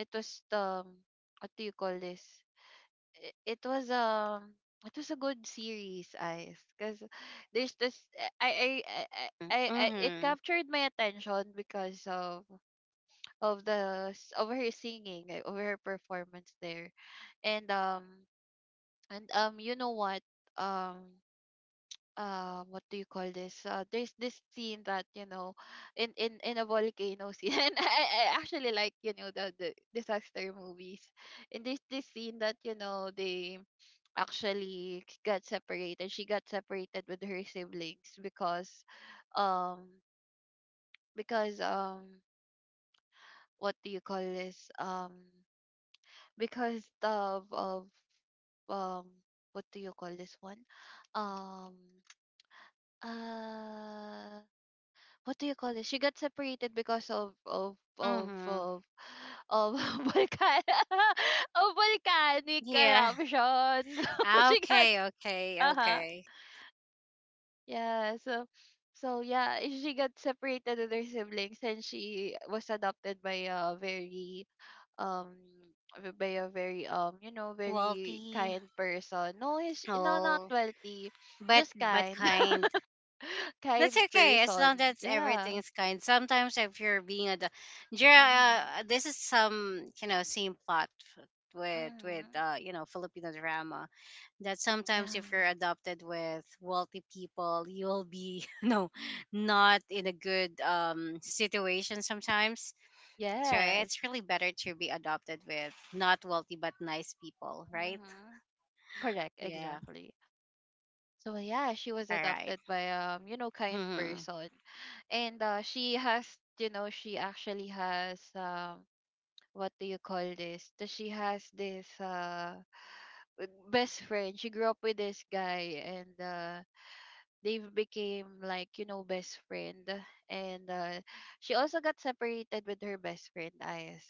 Speaker 2: it was um, what do you call this? I- It was um, it was a good series, eyes, because there's this I I, I I I I it
Speaker 1: Mm-hmm.
Speaker 2: captured my attention because of of the s- of her singing, eh, of her performance there, and um and um you know what, um uh what do you call this? uh there's this scene that, you know, in in in a volcano scene (laughs) and I, I actually like, you know, the the disaster movies, and this this scene that, you know, they actually got separated. She got separated with her siblings because um because um what do you call this? um because of of um what do you call this one? um uh what do you call this? She got separated because of of of
Speaker 1: Mm-hmm.
Speaker 2: of of (laughs) volcan (laughs) of volcanic
Speaker 1: Yeah.
Speaker 2: eruption. (laughs) So she got
Speaker 1: Okay, okay,
Speaker 2: uh huh,
Speaker 1: okay.
Speaker 2: yeah, so so yeah, she got separated with her siblings and she was adopted by a very um v- by a very um you know, very
Speaker 1: Quality.
Speaker 2: kind person. No, he's no, not
Speaker 1: Oh,
Speaker 2: wealthy,
Speaker 1: but
Speaker 2: just
Speaker 1: but
Speaker 2: kind,
Speaker 1: kind.
Speaker 2: (laughs)
Speaker 1: That's
Speaker 2: kind
Speaker 1: okay as
Speaker 2: person.
Speaker 1: long as
Speaker 2: Yeah.
Speaker 1: everything's kind. Sometimes if you're being a, Jira,
Speaker 2: Mhm.
Speaker 1: uh, this is some, you know, same plot f- with with
Speaker 2: Mhm.
Speaker 1: uh, you know, Filipino drama, that
Speaker 2: Yeah.
Speaker 1: sometimes if you're adopted with wealthy people, you'll be (laughs) you know, not in a good um situation sometimes. So
Speaker 2: Yes.
Speaker 1: it's really better to be adopted with not wealthy but nice people, right?
Speaker 2: Mm-hmm. Correct.
Speaker 1: Yeah.
Speaker 2: Exactly. So yeah, she was
Speaker 1: All right.
Speaker 2: adopted by um, you know, kind
Speaker 1: Mm-hmm.
Speaker 2: person, and uh, she has, you know, she actually has um, what do you call this? Th- She has this uh w- best friend. She grew up with this guy, and uh, they've became like, you know, best friend, and uh, she also got separated with her best friend Ayes,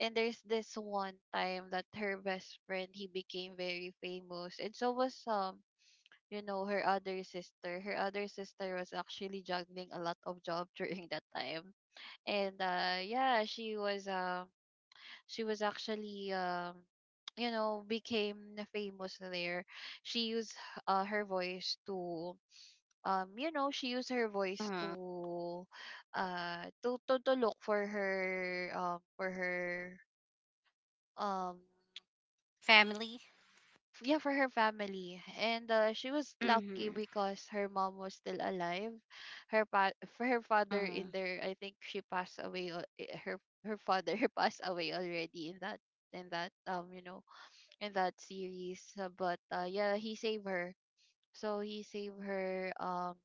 Speaker 2: and there's this one time that her best friend, he became very famous, and so was um you know, her other sister. Her other sister was actually juggling a lot of job (laughs) during that time. And uh yeah, she was um she was actually um (tsk) you know, became famous there. She used uh, her voice to um you know, she used her
Speaker 1: Mm-hmm.
Speaker 2: voice to uh to to, to look for her, um for her um
Speaker 1: Family.
Speaker 2: (tsk) yeah, for her family. And uh, she was
Speaker 1: Mm-hmm.
Speaker 2: lucky because her mom was still alive. Her pa- for her father
Speaker 1: Mm-hmm.
Speaker 2: in there, I think she passed away al- eh, her her father (laughs) passed away already in that, in that um you know, in that series. Uh, but uh, Yeah, he saved her. So he saved her um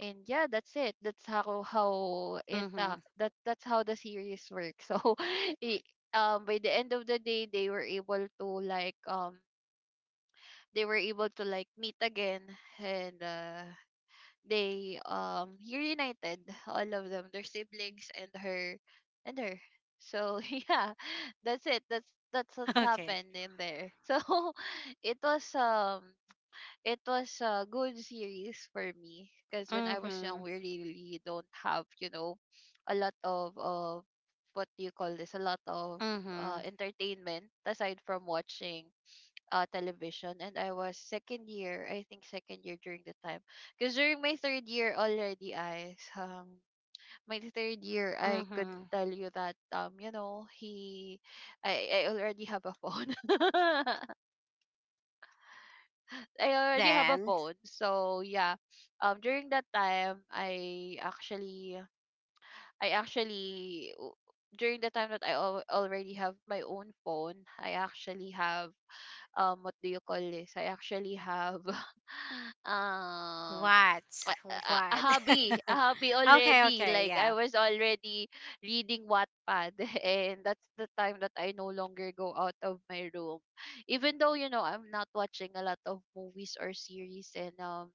Speaker 2: and yeah, that's it. That's how how it uh,
Speaker 1: Mm-hmm.
Speaker 2: that that's how the series works. (laughs) So, i- um, by the end of the day, they were able to like um they were able to like meet again, and uh they um reunited, all of them, their siblings and her, and her. So (laughs) yeah, that's it, that's that's what's
Speaker 1: Okay.
Speaker 2: happened in there. So (laughs) it was um it was a good series for me because when I was
Speaker 1: Mm-hmm.
Speaker 2: young, we really don't have, you know, a lot of uh, what do you call this? A lot of uh,
Speaker 1: Mm-hmm.
Speaker 2: entertainment aside from watching uh, television. And I was second year, I think second year during the time, because during my third year already, I um my third year, I could
Speaker 1: Mm-hmm.
Speaker 2: tell you that um you know, he I I already have a phone. (laughs) I already have a
Speaker 1: Then
Speaker 2: phone. So yeah, um, during that time, I actually, I actually, w- during the time that I al- already have my own phone, I actually have um, what do you call this? I actually have (laughs) um
Speaker 1: what?
Speaker 2: a, a, a
Speaker 1: What? (laughs)
Speaker 2: hobby, a hobby
Speaker 1: okay,
Speaker 2: already.
Speaker 1: okay,
Speaker 2: Like I
Speaker 1: yeah.
Speaker 2: was already reading Wattpad, (laughs) and that's the time that I no longer go out of my room. Even though, you know, I'm not watching a lot of movies or series, and um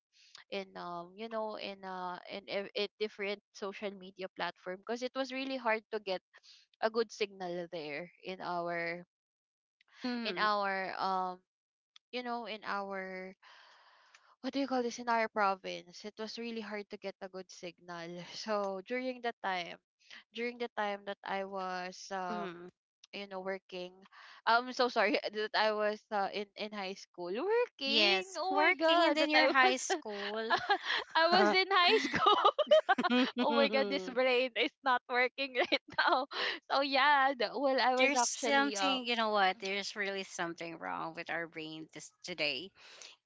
Speaker 2: in um you know, in uh in in, in different social media platform, because it was really hard to get a good signal there in our, in
Speaker 1: Mm-hmm.
Speaker 2: our um you know, in our, what do you call this, in our province, it was really hard to get a good signal. (laughs) So during the time, during the time that I was um
Speaker 1: Mm-hmm.
Speaker 2: you know, working, I'm so sorry (laughs) that I was uh, in in high school working.
Speaker 1: Yes.
Speaker 2: Oh my
Speaker 1: Working and
Speaker 2: god,
Speaker 1: then
Speaker 2: that
Speaker 1: you're
Speaker 2: I was
Speaker 1: high school.
Speaker 2: (laughs)
Speaker 1: (laughs)
Speaker 2: I was in
Speaker 1: (laughs)
Speaker 2: high school. (laughs) Oh my god, this brain is not working (laughs) right now. So yeah, the, well, I was
Speaker 1: there's
Speaker 2: actually um
Speaker 1: something, you know what, there's really something wrong with our brain this today.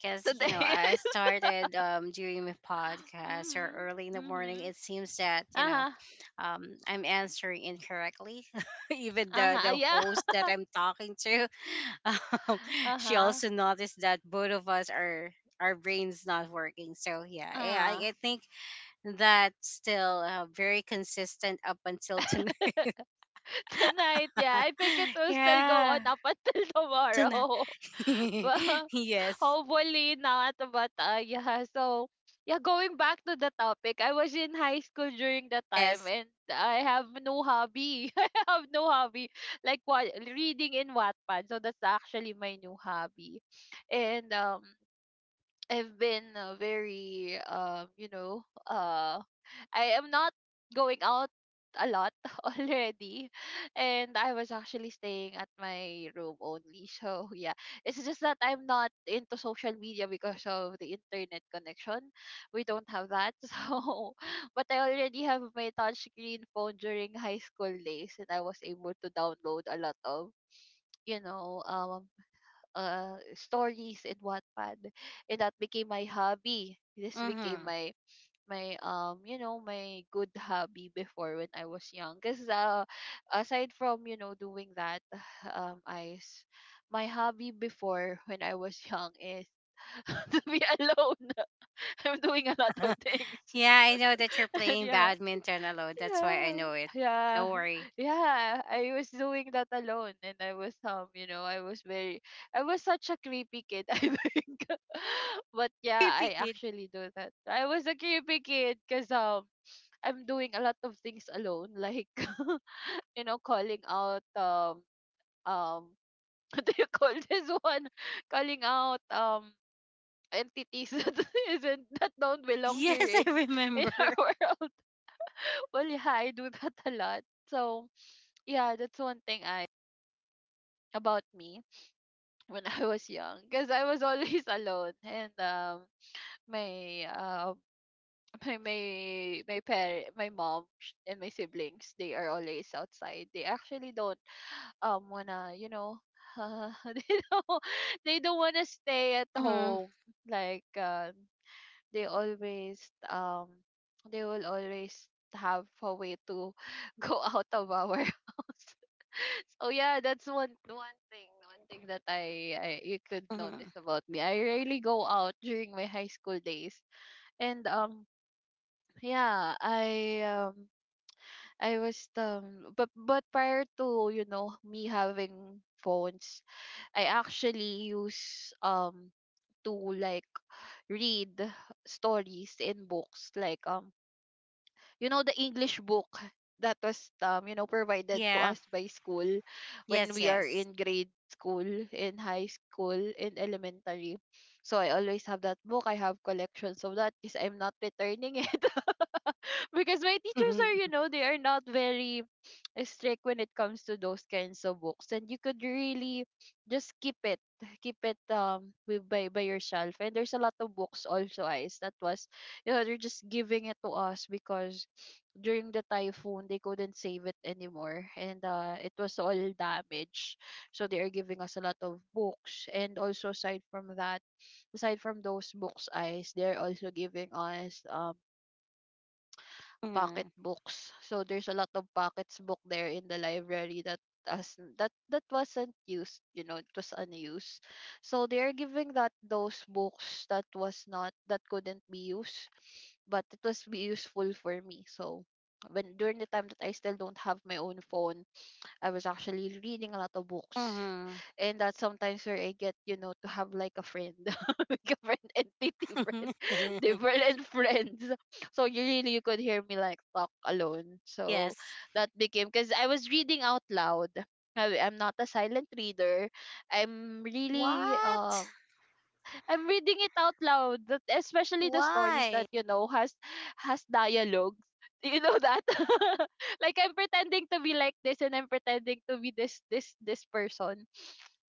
Speaker 2: (laughs)
Speaker 1: you know,
Speaker 2: today.
Speaker 1: I started um, doing my
Speaker 2: (laughs)
Speaker 1: podcast or
Speaker 2: Mhm.
Speaker 1: early in the morning.
Speaker 2: Mhm.
Speaker 1: It seems that, you know,
Speaker 2: Uh-huh.
Speaker 1: um, I'm answering incorrectly. (laughs) Even the
Speaker 2: Uh-huh,
Speaker 1: the
Speaker 2: yeah.
Speaker 1: host that I'm talking to, (laughs) um,
Speaker 2: (laughs)
Speaker 1: she
Speaker 2: Uh-huh.
Speaker 1: also noticed that both of us are our brains not working. So yeah, eh, I,
Speaker 2: Uh.
Speaker 1: I think that's still uh, very consistent up until tonight.
Speaker 2: (laughs) Tonight, yeah. I think it
Speaker 1: (laughs)
Speaker 2: will still go on
Speaker 1: yeah,
Speaker 2: up until (laughs)
Speaker 1: tonight.
Speaker 2: tomorrow. (laughs)
Speaker 1: (laughs)
Speaker 2: Well,
Speaker 1: yes,
Speaker 2: hopefully not, but uh, yeah. So, yeah, going back to the topic, I was in high school during that time
Speaker 1: yes.
Speaker 2: and I have no hobby. (laughs) I have no hobby. Like what, reading in Wattpad. So that's actually my new hobby. And um I've been uh, very um you know, uh I am not going out a lot (laughs) already, and I was actually staying at my room only. So yeah, it's just that I'm not into social media because of the internet connection, we don't have that. (laughs) So but I already have my touchscreen phone during high school days and I was able to download a lot of, you know, um uh, stories in Wattpad, and that became my hobby. This became
Speaker 1: Mm-hmm.
Speaker 2: my my um, you know, my good hobby before when I was young. Cause uh, aside from, you know, doing that, (sighs) um, I s- my hobby before when I was young is (laughs) to be alone. (laughs) I'm doing a lot of
Speaker 1: (laughs)
Speaker 2: things,
Speaker 1: Yeah, I know that you're
Speaker 2: (laughs) and
Speaker 1: playing
Speaker 2: yeah,
Speaker 1: badminton alone. That's why I
Speaker 2: yeah,
Speaker 1: know it.
Speaker 2: yeah,
Speaker 1: Don't worry.
Speaker 2: yeah. I was doing that alone, and I was um, you know, I was very, I was such a creepy kid, (laughs) I think. (laughs) But yeah,
Speaker 1: Creepy
Speaker 2: I
Speaker 1: kid. (laughs)
Speaker 2: actually do that. I was a creepy kid because um, I'm doing a lot of things alone, like (laughs) you know, calling out um um, (laughs) what do you call this one? Calling out um entities (laughs) that isn't that don't belong here
Speaker 1: Yes,
Speaker 2: in
Speaker 1: I
Speaker 2: in our
Speaker 1: remember.
Speaker 2: (laughs) world. Well, yeah, (laughs) I do that (laughs) a lot. So, yeah, that's one thing I about me, when (laughs) I was young, because I was always (laughs) alone. And um my um (laughs) my my my parent, my mom, sh- and my siblings, they are always outside. They actually don't um wanna, you know, (laughs) they don't (laughs) they don't wanna stay at
Speaker 1: Hmm.
Speaker 2: home, like uh, they always um they will always have a way to (laughs) go out of our (laughs) house. So yeah, that's one one thing, one thing that I, I, you could notice
Speaker 1: Hmm.
Speaker 2: about me. I rarely go out during my high school days. And um yeah, I um I was um but but prior to, you know, me having phones, I actually use um to like read stories in books, like um you know, the English book that was, um you know, provided to
Speaker 1: Yeah.
Speaker 2: us by school when
Speaker 1: Yes,
Speaker 2: we are
Speaker 1: yes.
Speaker 2: in grade school, in high school, in elementary. So I always have that book. I have collections of that because I'm not returning it, (laughs) because my
Speaker 1: (laughs)
Speaker 2: teachers
Speaker 1: Hmm.
Speaker 2: are, you know, they are not very (sniffs) strict when it comes to those kinds of books, and you could really just keep it, keep it um with, by by your shelf. And there's a lot of books also eyes, that was, you know, they're just giving it to us because during the typhoon they couldn't save it anymore, and uh, it was all damaged. So they are giving us a lot of books. And also, aside from that, aside from those books eyes, they're also giving us um pocket
Speaker 1: Hmm.
Speaker 2: books. So there's a lot of pockets book there in the library that, as that that wasn't used, you know, it was unused. So they're giving that, those books that was not, that couldn't be used, but it was be useful for me. So when, during the time that I still don't have my own phone, I was actually reading a lot of books. And that's sometimes where I get, you know, to have like a friend, (laughs) like a friend, entity friend, (laughs)
Speaker 1: (laughs)
Speaker 2: different friends. So you really, you could hear me like talk alone. So
Speaker 1: yes.
Speaker 2: that became, because I was reading out loud. I, I'm not a silent reader. I'm really
Speaker 1: What?
Speaker 2: um I'm reading it out loud, that, especially the stories
Speaker 1: Why?
Speaker 2: that, you know, has has dialogues. You know that? (laughs) Like I'm pretending to be like this, and I'm pretending to be this this this person.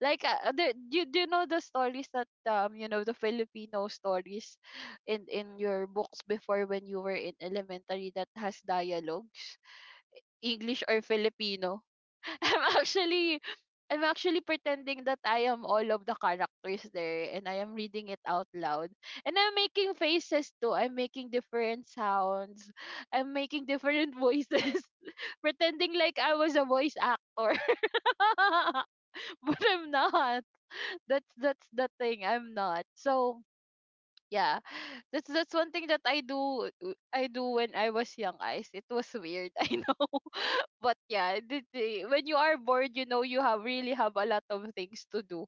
Speaker 2: Like uh, the, you do, you know the stories that, um you know, the Filipino stories in in your books before when you were in elementary that has dialogues, English or Filipino. (laughs) I'm actually, I'm actually pretending that I am all of the characters there, and I am reading it out loud. And I'm making faces too. I'm making different sounds. I'm making different voices. (laughs) Pretending like I was a voice actor. (laughs) But I'm not. That's that's the thing. I'm not. So yeah, (laughs) that's that's one thing that I do uh, I do when I was young, eyes. It was weird. (laughs) I know. (laughs) But yeah, the, the, when you are bored, you know, you have really have a lot of things to do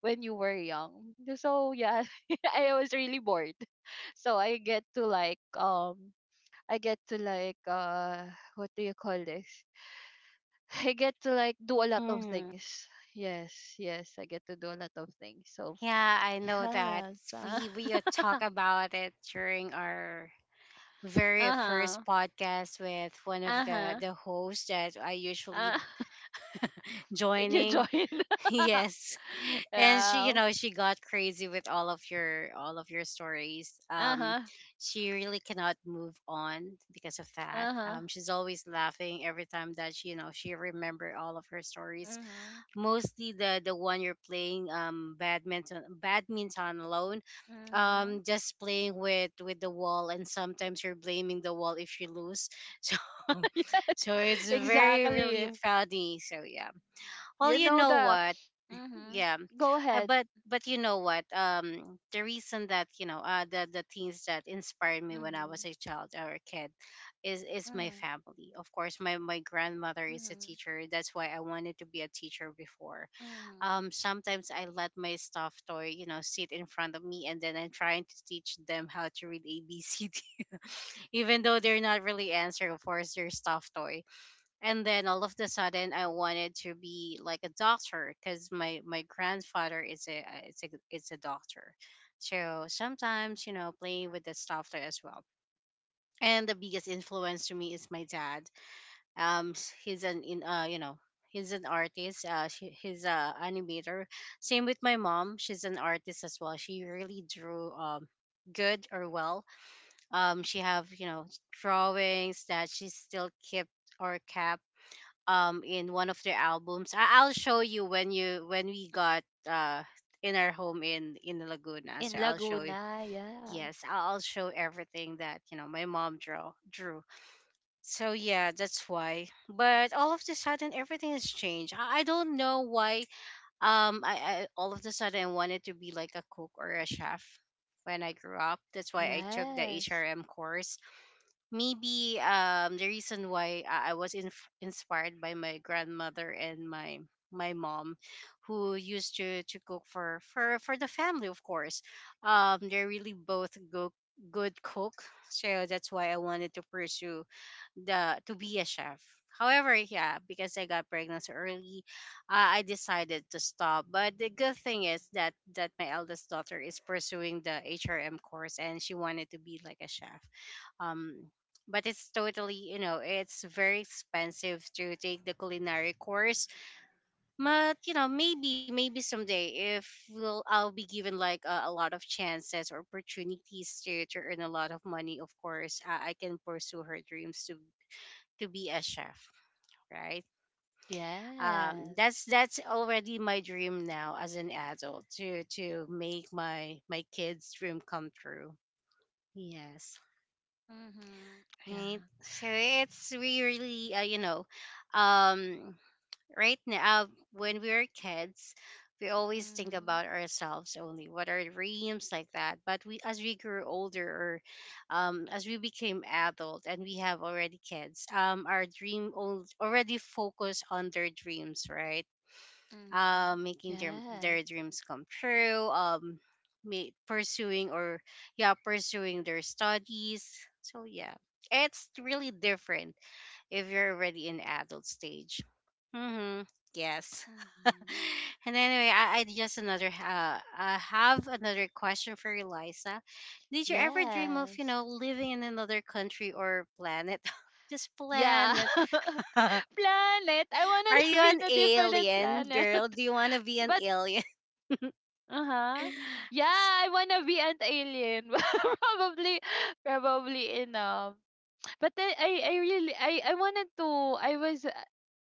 Speaker 2: when you were young. So yeah, (laughs) I was really bored. (laughs) So i get to like um I get to like uh what do you call this? (laughs) (sighs) I get to like do a lot of
Speaker 1: Hmm.
Speaker 2: things. Yes. Yes, I get to do a lot of things, so
Speaker 1: Yeah, I know that.
Speaker 2: yes. Uh, (laughs)
Speaker 1: We we uh, talk about it during our very first
Speaker 2: uh-huh.
Speaker 1: podcast with one of the
Speaker 2: Uh-huh.
Speaker 1: the hosts that I usually
Speaker 2: Uh, (laughs) you
Speaker 1: joining.
Speaker 2: joined.
Speaker 1: (laughs) Yes.
Speaker 2: (laughs)
Speaker 1: And she, you
Speaker 2: Yeah.
Speaker 1: know, she got crazy with all of your all of your stories. Um,
Speaker 2: Uh-huh.
Speaker 1: she really cannot move on because of that.
Speaker 2: Uh-huh.
Speaker 1: Um, she's always laughing every time that she, you know, she remember all of her stories.
Speaker 2: Mm-hmm.
Speaker 1: Mostly the the one you're playing um badminton badminton alone.
Speaker 2: Mm-hmm.
Speaker 1: Um, just playing with with the wall, and sometimes you're blaming the wall if you lose. (laughs) So,
Speaker 2: (laughs) Yes.
Speaker 1: so it's very really
Speaker 2: Exactly.
Speaker 1: funny. So yeah. Well,
Speaker 2: You
Speaker 1: you
Speaker 2: know
Speaker 1: know
Speaker 2: the
Speaker 1: what?
Speaker 2: mm-hmm.
Speaker 1: Yeah,
Speaker 2: Go
Speaker 1: uh,
Speaker 2: ahead.
Speaker 1: but but you know what, um the reason that, you know, uh the the things that inspired me when I was a
Speaker 2: Mm-hmm.
Speaker 1: child or a kid is is my
Speaker 2: Mm-hmm.
Speaker 1: family. Of course, my my grandmother is a
Speaker 2: Mm-hmm.
Speaker 1: teacher, that's why I wanted to be a teacher before.
Speaker 2: Mm-hmm.
Speaker 1: Um, sometimes I let my stuffed toy, you know, sit in front of me, and then I'm trying to teach them how to read ABCD. (laughs) Even though they're not really answering, of course, their stuffed toy. And then all of the sudden I wanted to be like a doctor because my my grandfather is a uh, is a is a doctor, so sometimes, you know, playing with the stuff there as well. And the biggest influence to me is my dad. Um s- he's an in uh you know, he's an artist, uh she, he's a animator. Same with my mom, she's an artist as well. She really drew um good or well. Um, she have, you know, drawings that she still kept or kept um in one of their albums. I- I'll show you when you when we got uh in our home in in Laguna.
Speaker 2: In
Speaker 1: So I'll show you.
Speaker 2: Laguna, yeah.
Speaker 1: Yes, I'll I'll show everything that, you know, my mom draw drew. So yeah, that's why. But all of the sudden, everything has changed. I, I don't know why. Um, I, I all of the sudden I wanted to be like a cook or a chef when I grew up. That's why I took the
Speaker 2: Yes.
Speaker 1: H R M course. Maybe um the reason why I I was inf- inspired by my grandmother and my my mom, who used to to cook for for for the family, of course. Um, they're really both go- good cook, so that's why I wanted to pursue the to be a chef. However, yeah, because I got pregnant so early, uh, I decided to stop. But the good thing is that that my eldest daughter is pursuing the H R M course, and she wanted to be like a chef. Um, but it's totally, you know, it's very expensive to take the culinary course. But, you know, maybe maybe someday if we'll, I'll be given like a, a lot of chances or opportunities to to earn a lot of money, of course i, I can pursue her dreams to to be a chef, right? Um,
Speaker 2: Yes.
Speaker 1: that's that's already my dream now as an adult to to make my my kids dream come true. Yes,
Speaker 2: Mm-hmm.
Speaker 1: right.
Speaker 2: Yeah.
Speaker 1: So it's really uh, you know, um right now, when we were kids, we always think
Speaker 2: Mm-hmm.
Speaker 1: about ourselves only, what our dreams like that, but we as we grew older or um as we became adult and we have already kids, um, our dream al- already focus on their dreams, right? Uh,
Speaker 2: Mm-hmm.
Speaker 1: making their their
Speaker 2: Yes.
Speaker 1: dreams come true, um, ma- pursuing or yeah, pursuing their studies. So yeah, it's really different if you're already in adult stage. Mm-hmm. Yes. (laughs)
Speaker 2: Mm-hmm.
Speaker 1: And anyway, I, I just another uh, I have another question for you, Liza. Did you ever dream of, you
Speaker 2: Yes.
Speaker 1: know, living in another country or planet? (laughs) Just
Speaker 2: Yeah.
Speaker 1: planet.
Speaker 2: (laughs)
Speaker 1: (laughs) Are
Speaker 2: planet. I wanna (laughs)
Speaker 1: you
Speaker 2: live in
Speaker 1: an
Speaker 2: a different
Speaker 1: alien,
Speaker 2: planet.
Speaker 1: girl?
Speaker 2: (laughs)
Speaker 1: Do you want to be an
Speaker 2: But
Speaker 1: alien?
Speaker 2: uh-huh. Yeah,
Speaker 1: It's-
Speaker 2: I wanna be an alien. (laughs) probably probably in um but then I I really I I wanted to I was uh,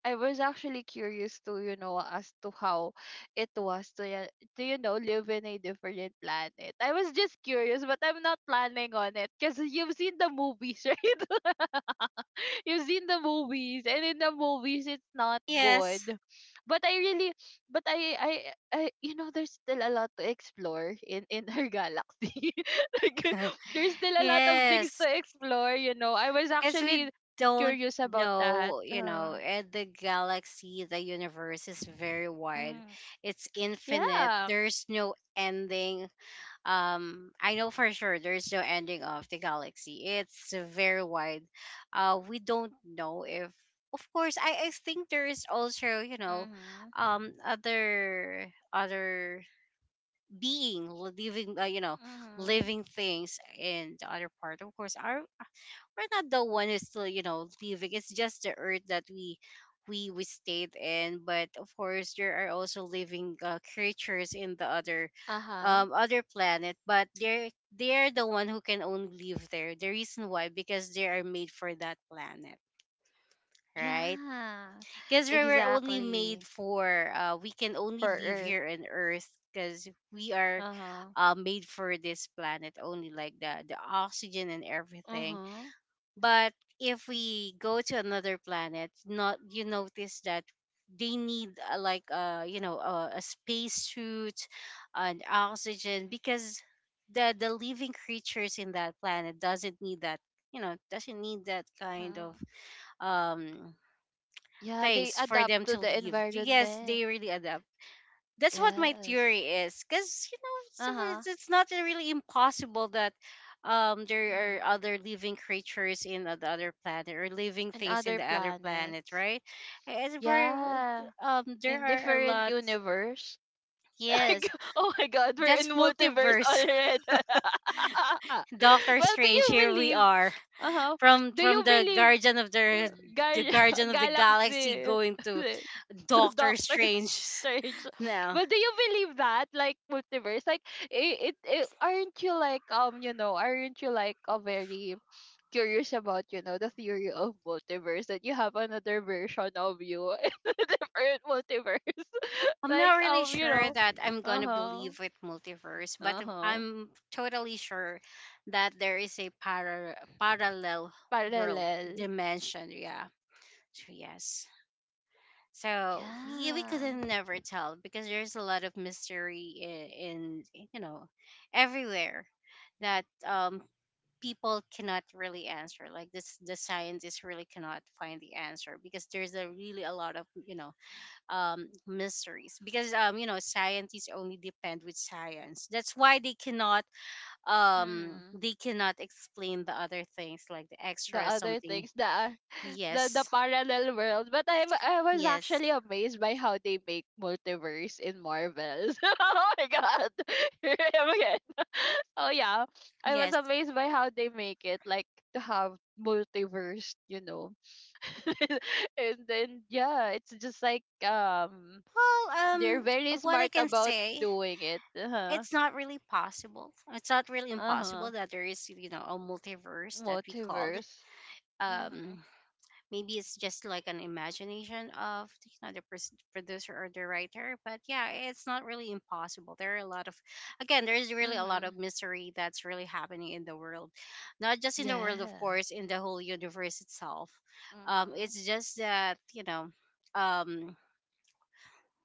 Speaker 2: I was actually curious to, you know, as to how it was to ya- to, you know, live in a different planet. I was just curious, but I'm not planning on it because you've seen the movies, (laughs) right? (laughs) You've seen the movies, and in the movies, it's not
Speaker 1: yes.
Speaker 2: good. But I really, but I, I, I, you know, there's still a lot to explore in in her (laughs) galaxy. (laughs) Like,
Speaker 1: (laughs)
Speaker 2: there's still a lot of things to
Speaker 1: Yes,
Speaker 2: explore. You know, I was
Speaker 1: because we
Speaker 2: actually
Speaker 1: don't
Speaker 2: curious about that.
Speaker 1: know, you know,
Speaker 2: Uh,
Speaker 1: and the galaxy, the universe is very wide.
Speaker 2: mm,
Speaker 1: It's infinite.
Speaker 2: yeah.
Speaker 1: There's no ending. Um, I know for sure there's no ending of the galaxy. It's very wide. Uh, we don't know if, of course, I, I think there is also, you know,
Speaker 2: Mhm.
Speaker 1: um, other other being living, uh, you know,
Speaker 2: Mhm.
Speaker 1: living things in the other part. Of course, our— we're not the one who's still, you know, leaving. It's just the earth that we we we stayed in. But of course, there are also living uh, creatures in the other,
Speaker 2: Uh huh.
Speaker 1: um other planet. But they're they're the one who can only live there. The reason why, because they are made for that planet, right?
Speaker 2: Yeah.
Speaker 1: Because we were only made
Speaker 2: Exactly.
Speaker 1: for— uh, we can only
Speaker 2: For
Speaker 1: live
Speaker 2: Earth.
Speaker 1: here on earth, because we are
Speaker 2: Uh huh.
Speaker 1: uh, made for this planet only. Like the the oxygen and everything.
Speaker 2: Uh
Speaker 1: But if we go to another planet, not— you notice that they need uh, like uh you know uh, a space suit and oxygen, because the the living creatures in that planet doesn't need that, you know, doesn't need that kind
Speaker 2: huh.
Speaker 1: of um
Speaker 2: Yeah, they
Speaker 1: things for
Speaker 2: adapt
Speaker 1: them
Speaker 2: to
Speaker 1: to
Speaker 2: the
Speaker 1: leave. Yes,
Speaker 2: environment.
Speaker 1: they really adapt. That's what my
Speaker 2: Yes.
Speaker 1: theory is. Because, you know, it's,
Speaker 2: Uh-huh.
Speaker 1: it's it's not really impossible that, um, there are
Speaker 2: Mm.
Speaker 1: other living creatures in the other planet, or living
Speaker 2: And
Speaker 1: things in
Speaker 2: other
Speaker 1: the other planet,
Speaker 2: planets.
Speaker 1: right? As we're,
Speaker 2: Yeah.
Speaker 1: um, there
Speaker 2: In
Speaker 1: are a
Speaker 2: different
Speaker 1: lot.
Speaker 2: universe. (laughs)
Speaker 1: Yes,
Speaker 2: Like, oh my god, we're in
Speaker 1: that's
Speaker 2: multiverse
Speaker 1: multiverse.
Speaker 2: already.
Speaker 1: (laughs)
Speaker 2: (laughs)
Speaker 1: Doctor
Speaker 2: Well, do
Speaker 1: Strange,
Speaker 2: you
Speaker 1: here we
Speaker 2: believe?
Speaker 1: are,
Speaker 2: Uh-huh.
Speaker 1: from
Speaker 2: Do
Speaker 1: from
Speaker 2: you
Speaker 1: the
Speaker 2: believe
Speaker 1: Guardian of the
Speaker 2: Gal
Speaker 1: the Guardian
Speaker 2: (laughs)
Speaker 1: of the Galaxy,
Speaker 2: Galaxy
Speaker 1: going to
Speaker 2: (laughs) to
Speaker 1: Doctor
Speaker 2: Doctor
Speaker 1: Strange (laughs)
Speaker 2: Strange.
Speaker 1: now.
Speaker 2: Well, do you believe that? Like multiverse? Like it, it, it aren't you like um you know aren't you like a very curious about, you know, the theory of multiverse that you have another version of you (laughs) in a different multiverse, (laughs)
Speaker 1: I'm not
Speaker 2: like
Speaker 1: really
Speaker 2: um you
Speaker 1: sure
Speaker 2: know.
Speaker 1: that I'm
Speaker 2: Uh
Speaker 1: gonna
Speaker 2: huh.
Speaker 1: believe with multiverse, but
Speaker 2: Uh
Speaker 1: if-
Speaker 2: huh.
Speaker 1: I'm totally sure that there is a para- parallel world
Speaker 2: Parallel.
Speaker 1: dimension. Yeah. So, yes. So we, we could
Speaker 2: Yeah.
Speaker 1: never tell, because there's a lot of mystery in, in, you know, everywhere, that um people cannot really answer. Like this, the scientists really cannot find the answer, because there's a really a lot of, you know, um, mysteries, because, um, you know, scientists only depend with science. That's why they cannot um,
Speaker 2: Mm-hmm.
Speaker 1: they cannot explain the other things, like the
Speaker 2: The
Speaker 1: extra
Speaker 2: other
Speaker 1: something.
Speaker 2: things, the (laughs) the the
Speaker 1: Yes,
Speaker 2: parallel world. But i i was
Speaker 1: yes,
Speaker 2: actually amazed by how they make multiverse in Marvel. (laughs) Oh my god. (laughs) Here I am again. (laughs) Oh yeah, I was
Speaker 1: yes.
Speaker 2: amazed by how they make it like to have multiverse, you know. (laughs) And then yeah, it's just like um
Speaker 1: Well,
Speaker 2: they're
Speaker 1: um,
Speaker 2: very
Speaker 1: what I
Speaker 2: smart
Speaker 1: can
Speaker 2: about
Speaker 1: say,
Speaker 2: doing it. Uh-huh.
Speaker 1: it's not really possible. It's not really
Speaker 2: Uh-huh.
Speaker 1: impossible that there is, you know, a multiverse that we called.
Speaker 2: Multiverse. Mhm.
Speaker 1: Um, Maybe it's just like an imagination of, you know, the pres- producer or the writer. But yeah, it's not really impossible. There are a lot of— again, there is really a lot of
Speaker 2: Mhm.
Speaker 1: mystery that's really happening in the world, not just in the world, of
Speaker 2: Yeah.
Speaker 1: course, in the whole universe itself. Um
Speaker 2: Mhm.
Speaker 1: it's just that, you know, um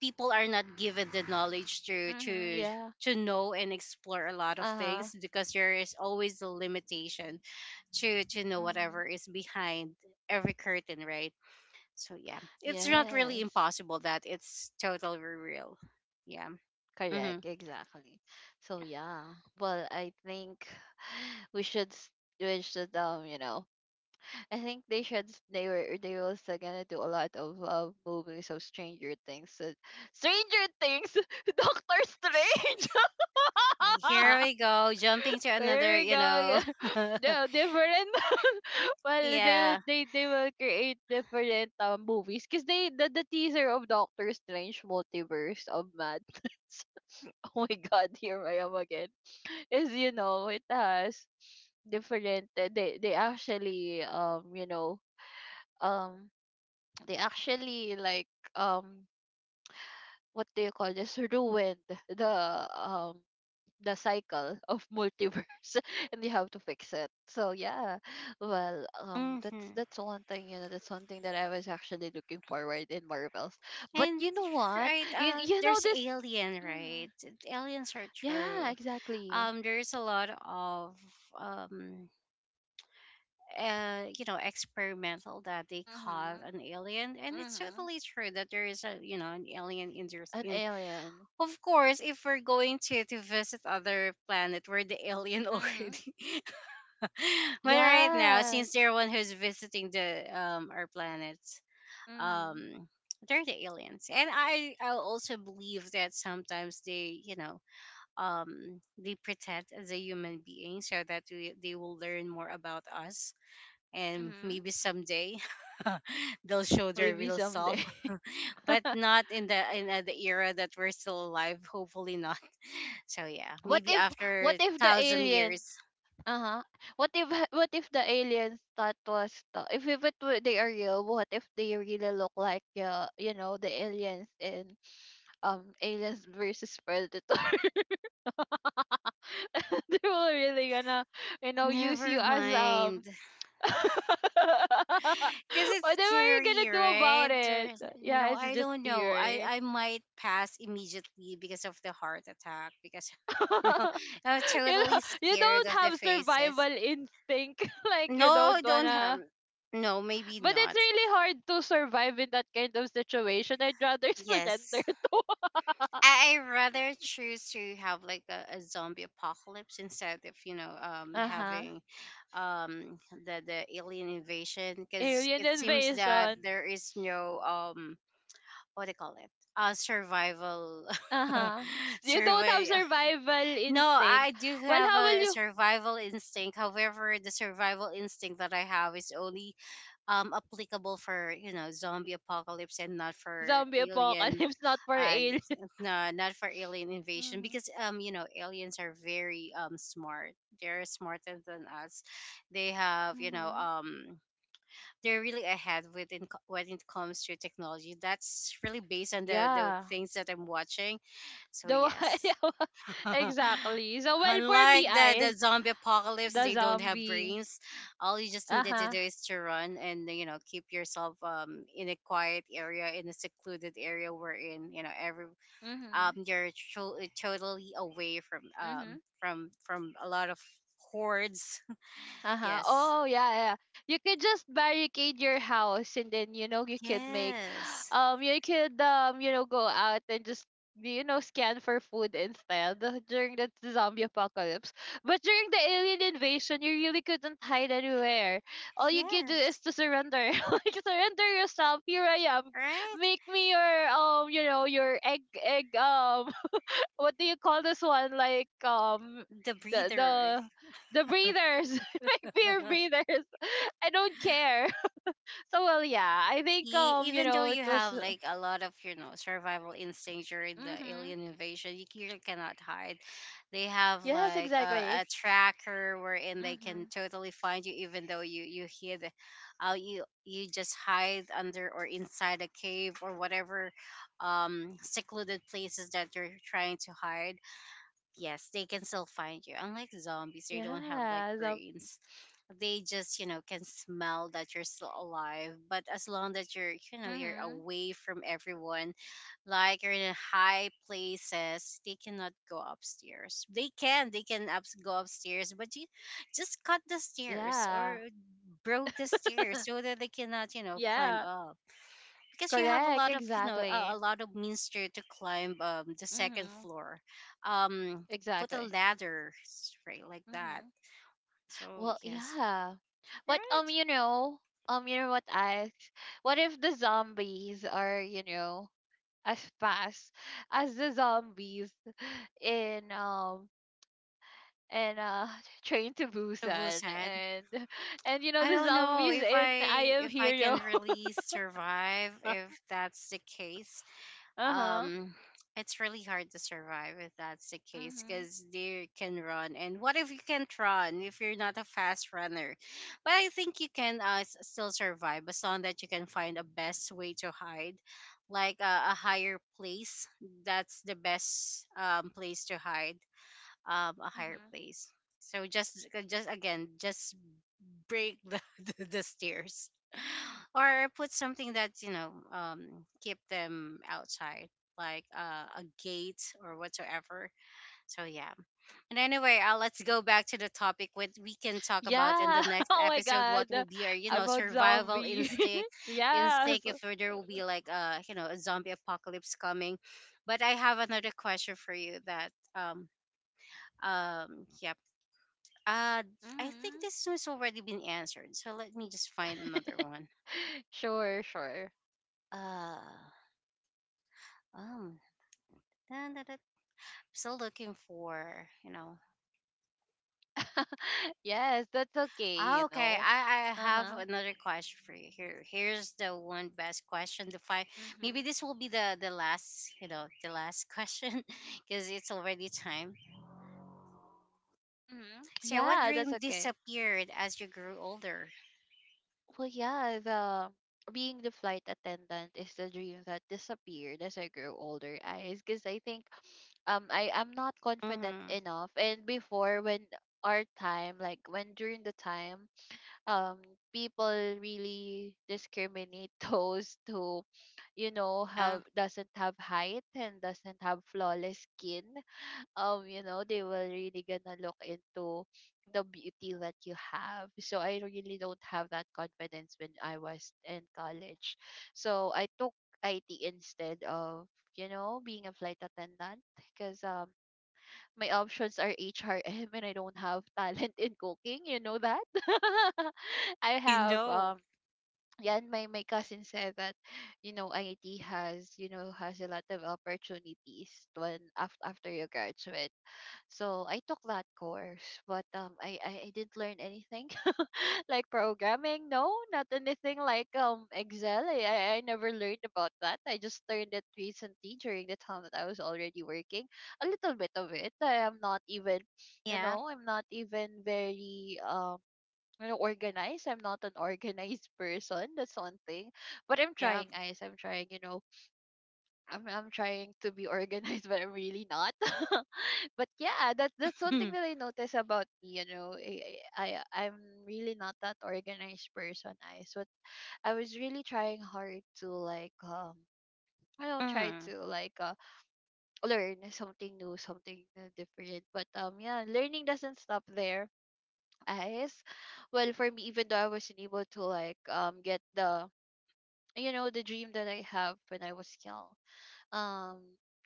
Speaker 1: people are not given the knowledge to
Speaker 2: Mhm,
Speaker 1: to
Speaker 2: yeah.
Speaker 1: to know and explore a lot of
Speaker 2: Uh-huh.
Speaker 1: things, because there is always a limitation to to know
Speaker 2: Mhm.
Speaker 1: whatever is behind every curtain, right? So yeah, it's not really
Speaker 2: Yes.
Speaker 1: impossible that it's totally real. Yeah.
Speaker 2: Correct,
Speaker 1: Mm-hmm.
Speaker 2: exactly. So yeah. Well, I think (sighs) we should s- we should um, you know, I think they should s- they were they were also gonna do a lot of uh, movies of Stranger Things. So, Stranger Things, (laughs) Doctor Strange.
Speaker 1: Uh, Here
Speaker 2: (laughs)
Speaker 1: we go, jumping to
Speaker 2: There
Speaker 1: another.
Speaker 2: we
Speaker 1: You
Speaker 2: go.
Speaker 1: know.
Speaker 2: (laughs)
Speaker 1: (laughs)
Speaker 2: The different (laughs) well they will
Speaker 1: Yeah.
Speaker 2: they, they will create different um movies because they the, the teaser of Doctor Strange Multiverse of Madness. (laughs) Oh my god, here I am again. Is, you know, it has different uh, they they actually um you know um they actually like um what do you call this ruined the um the cycle of multiverse. (laughs) And you have to fix it, so yeah. Well um that's
Speaker 1: Mm-hmm.
Speaker 2: that's one thing, you know, that's one thing that I was actually looking forward in Marvels. But
Speaker 1: And
Speaker 2: you know what?
Speaker 1: right,
Speaker 2: you,
Speaker 1: uh,
Speaker 2: you know
Speaker 1: there's
Speaker 2: this
Speaker 1: alien,
Speaker 2: mm,
Speaker 1: right? Aliens are true.
Speaker 2: yeah exactly.
Speaker 1: Um, there's a lot of um, uh, you know, experimental that they caught
Speaker 2: Mm-hmm.
Speaker 1: an alien, and it's
Speaker 2: Mm-hmm.
Speaker 1: totally true that there is a, you know, an alien in
Speaker 2: An
Speaker 1: the—
Speaker 2: alien.
Speaker 1: Of course, if we're going to, to visit other planet, we're the alien
Speaker 2: Mm-hmm.
Speaker 1: already. (laughs) But right now, since
Speaker 2: Yes.
Speaker 1: they're one who's visiting the um our planet,
Speaker 2: Mm-hmm.
Speaker 1: um they're the aliens. And I I also believe that sometimes they, you know, um they pretend as a human being, so that we, they will learn more about us, and
Speaker 2: Mm-hmm.
Speaker 1: maybe someday (laughs) they'll show their
Speaker 2: Maybe
Speaker 1: real self.
Speaker 2: someday.
Speaker 1: But
Speaker 2: (laughs)
Speaker 1: not in the in uh, the era that we're still alive. Hopefully not. (laughs) So yeah,
Speaker 2: What
Speaker 1: maybe
Speaker 2: if
Speaker 1: after
Speaker 2: what
Speaker 1: a
Speaker 2: if the
Speaker 1: thousand
Speaker 2: alien
Speaker 1: years.
Speaker 2: Uh-huh. What if (laughs) what if the aliens that was the, if if it were, they are real, what if they really look like uh, you know, the aliens in um aliens versus predator? (laughs) They were really gonna, you know, use you
Speaker 1: Never
Speaker 2: as
Speaker 1: mind.
Speaker 2: um (laughs)
Speaker 1: Because it's
Speaker 2: what am I
Speaker 1: scary,
Speaker 2: gonna do
Speaker 1: right?
Speaker 2: about it?
Speaker 1: There-
Speaker 2: Yeah,
Speaker 1: No,
Speaker 2: it's
Speaker 1: I
Speaker 2: just
Speaker 1: don't know. I,
Speaker 2: theory.
Speaker 1: I might pass immediately because of the heart attack. Because, (laughs) you know,
Speaker 2: (laughs)
Speaker 1: I'm
Speaker 2: You
Speaker 1: totally
Speaker 2: know, you
Speaker 1: scared
Speaker 2: don't
Speaker 1: of the
Speaker 2: have
Speaker 1: faces.
Speaker 2: survival instinct. (laughs) Like you don't
Speaker 1: No, don't have.
Speaker 2: wanna
Speaker 1: No, maybe
Speaker 2: But it's
Speaker 1: not.
Speaker 2: really hard to survive in that kind of situation. I'd rather (laughs) surrender
Speaker 1: Yes.
Speaker 2: to
Speaker 1: I I rather choose to have like a, a zombie apocalypse instead of, you know, um
Speaker 2: Uh huh.
Speaker 1: having um the the alien invasion,
Speaker 2: (laughs)
Speaker 1: because
Speaker 2: alien
Speaker 1: it seems that
Speaker 2: invasion.
Speaker 1: there is no um what do you call it— uh survival,
Speaker 2: Uh
Speaker 1: (laughs)
Speaker 2: huh. You don't have
Speaker 1: survival.
Speaker 2: survival
Speaker 1: No, I
Speaker 2: instinct.
Speaker 1: do
Speaker 2: Well,
Speaker 1: have
Speaker 2: how will
Speaker 1: a
Speaker 2: you
Speaker 1: survival instinct. However, the survival instinct that I have is only um applicable for, you know, zombie apocalypse, and not for
Speaker 2: zombie
Speaker 1: alien.
Speaker 2: apocalypse (laughs) not for
Speaker 1: uh
Speaker 2: alien?
Speaker 1: no, not for alien invasion,
Speaker 2: Mhm.
Speaker 1: because, um you know, aliens are very um smart. They're smarter than us. They have, you know,
Speaker 2: Mhm.
Speaker 1: um they're really ahead within— co- when it comes to technology. That's really based on the the
Speaker 2: Yeah.
Speaker 1: things that I'm watching. So
Speaker 2: The one, (laughs)
Speaker 1: yes.
Speaker 2: yeah,
Speaker 1: (laughs)
Speaker 2: exactly. So well for me,
Speaker 1: Unlike the, the
Speaker 2: eyes
Speaker 1: zombie apocalypse,
Speaker 2: the
Speaker 1: they don't have
Speaker 2: zombie.
Speaker 1: brains. All you just need
Speaker 2: Uh
Speaker 1: to
Speaker 2: huh.
Speaker 1: do is to run, and, you know, keep yourself um in a quiet area, in a secluded area, wherein, you know, every um
Speaker 2: Mhm.
Speaker 1: you're tro- totally away from um
Speaker 2: Mhm.
Speaker 1: from from a lot of hordes. (laughs)
Speaker 2: Uh-huh.
Speaker 1: Yes,
Speaker 2: Oh yeah, yeah, yeah. You could just barricade your house and then, you know, you could make (gasps) (sighs)
Speaker 1: yes,
Speaker 2: um you could um you know go out and just, you know, scan for food instead (laughs) during the zombie apocalypse. But during the alien invasion you really couldn't hide anywhere. All you could do
Speaker 1: yes,
Speaker 2: is to surrender. (laughs) Like surrender yourself. Here I am.
Speaker 1: right.
Speaker 2: Make me your um you know your egg egg um what do you call this one? Like um
Speaker 1: The
Speaker 2: the the
Speaker 1: breather.
Speaker 2: the breathers, (laughs) my beer
Speaker 1: (laughs)
Speaker 2: breathers. (laughs) I don't care. (laughs) So well, yeah. I think
Speaker 1: E-
Speaker 2: um you
Speaker 1: even though
Speaker 2: know it
Speaker 1: you
Speaker 2: was.
Speaker 1: have
Speaker 2: uh,
Speaker 1: like a lot of, you know, survival instincts during the
Speaker 2: Mm-hmm.
Speaker 1: alien invasion, you clearly cannot hide. They have
Speaker 2: Yes,
Speaker 1: like a,
Speaker 2: exactly.
Speaker 1: a tracker, wherein they
Speaker 2: Mm-hmm.
Speaker 1: can totally find you, even though you you hid, uh, you— you just hide under or inside a cave or whatever um secluded places that you're trying to hide. Yes, they can still find you. Unlike zombies, they don't have like
Speaker 2: Yeah. So,
Speaker 1: brains. They just, you know, can smell that you're still alive, but as long that you're, you know, you're
Speaker 2: mm-hmm.
Speaker 1: away from everyone, like you're in high places, they cannot go upstairs. They can they can ups- go upstairs, but you just cut the stairs,
Speaker 2: Yeah.
Speaker 1: or broke the stairs so that they cannot, you know, climb
Speaker 2: Yeah.
Speaker 1: up, because you have a
Speaker 2: Correct.
Speaker 1: lot of, you know, a, a
Speaker 2: Exactly.
Speaker 1: lot of means to, to climb um the second
Speaker 2: Mm-hmm.
Speaker 1: floor. um Put a
Speaker 2: Exactly.
Speaker 1: ladder, right, like that.
Speaker 2: Mm-hmm.
Speaker 1: So
Speaker 2: Well,
Speaker 1: yes,
Speaker 2: yeah. But um,
Speaker 1: right,
Speaker 2: you know, um, you know what I what if the zombies are, you know, as fast as the zombies in um in uh (laughs) Train to
Speaker 1: to
Speaker 2: Busan
Speaker 1: Busan.
Speaker 2: and and you know
Speaker 1: I
Speaker 2: the
Speaker 1: don't know
Speaker 2: zombies
Speaker 1: if
Speaker 2: in I
Speaker 1: I
Speaker 2: Am
Speaker 1: if I
Speaker 2: Hero.
Speaker 1: can really survive if
Speaker 2: (laughs)
Speaker 1: that's the case.
Speaker 2: Uh-huh.
Speaker 1: Um, it's really hard to survive if that's the case,
Speaker 2: Mhm.
Speaker 1: because they can run. And what if you can't run if you're not a fast runner? But I think you can uh, s- still survive, as long that you can find a best way to hide, like, uh, a higher place. That's the best um place to hide. Um, a higher
Speaker 2: Mhm.
Speaker 1: place. So, just just again, just break the, (laughs) the, the stairs, (laughs) or put something that, you know, um keep them outside, like, uh, a gate or whatsoever. So yeah. And anyway, uh, let's go back to the topic, what we can talk about in
Speaker 2: Yeah.
Speaker 1: the
Speaker 2: (laughs)
Speaker 1: next
Speaker 2: Oh my
Speaker 1: episode, what will
Speaker 2: god.
Speaker 1: be our, you know,
Speaker 2: About
Speaker 1: survival
Speaker 2: zombie.
Speaker 1: instinct
Speaker 2: (laughs) Yes.
Speaker 1: instinct, if there will be like a, you know, a zombie apocalypse coming. But I have another question for you. That, um um yeah, uh, I think
Speaker 2: Mhm.
Speaker 1: this one's already been answered, so let me just find another one.
Speaker 2: (laughs) Sure, sure.
Speaker 1: Uh, um, Dun, dun, dun. Still looking for, you know.
Speaker 2: (laughs) Yes, that's okay,
Speaker 1: Ah,
Speaker 2: you
Speaker 1: okay,
Speaker 2: know.
Speaker 1: I, I have
Speaker 2: Uh-huh.
Speaker 1: another question for you. Here, here's the one best question to find. Maybe
Speaker 2: Mhm.
Speaker 1: this will be the the last, you know, the last question, (laughs) because it's already time.
Speaker 2: Mhm.
Speaker 1: So, what
Speaker 2: Yeah, that's
Speaker 1: dream
Speaker 2: okay.
Speaker 1: disappeared as you grew older?
Speaker 2: Well, yeah, the being the flight attendant is the dream that disappeared as I grew older, guys. Because I think um I am not confident
Speaker 1: Mm-hmm.
Speaker 2: enough. And before, when our time, like when during the time, um, people really discriminate (laughs) those who, you know,
Speaker 1: Yeah.
Speaker 2: have doesn't have height and doesn't have flawless skin, um you know they will really gonna look into the beauty that you have. So I really don't have that confidence when I was in college, so I took it instead of, you know, being a flight attendant because um my options are HRM (laughs) and I don't have talent in cooking, you know that. (laughs) I
Speaker 1: I
Speaker 2: have
Speaker 1: know.
Speaker 2: um yeah, and my, my cousin said that, you know, I T has, you know, has a lot of opportunities when after, after you graduate. So I took that course, but um, I, I I didn't learn anything (laughs) like programming. No, not anything like um Excel. I I I never learned about that. I just learned it recently during the time that I was already working. A little bit of it. I am not even, you
Speaker 1: Yeah.
Speaker 2: know, I'm not even very um. You know, organized. I'm not an organized person. That's one thing. But I'm
Speaker 1: Yeah.
Speaker 2: trying, guys. I'm trying. You know, I'm I'm trying to be (laughs) organized, but I'm really not. (laughs) But yeah, that's that's one thing
Speaker 1: (laughs)
Speaker 2: that I notice about me. You know, I, I I'm really not that organized person. I so I was really trying hard to like um I don't try
Speaker 1: Mm-hmm.
Speaker 2: to like uh, learn something new, something uh, different. But um yeah, learning doesn't stop there. As well for me, even though I wasn't able to like um get the, you know, the dream that I have when I was young, um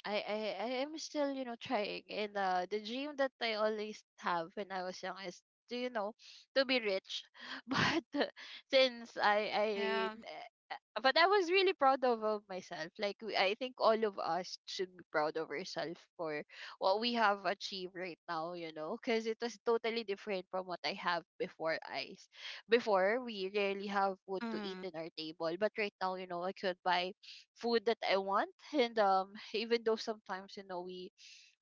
Speaker 2: I, I I am still, you know, trying. And uh, the dream that I always have when I was young is to, you know, to be rich. (laughs) But uh, since I I
Speaker 1: Yeah.
Speaker 2: n- uh, but I was really proud of, of myself. Like we- I think all of us should be proud of ourselves for what we have achieved right now, you know, because it was totally different from what I have before, eyes. Before we rarely have food to eat
Speaker 1: Mm-hmm.
Speaker 2: in our table, but right now, you know, I could buy food that I want. And um, (laughs) even though sometimes, you know, we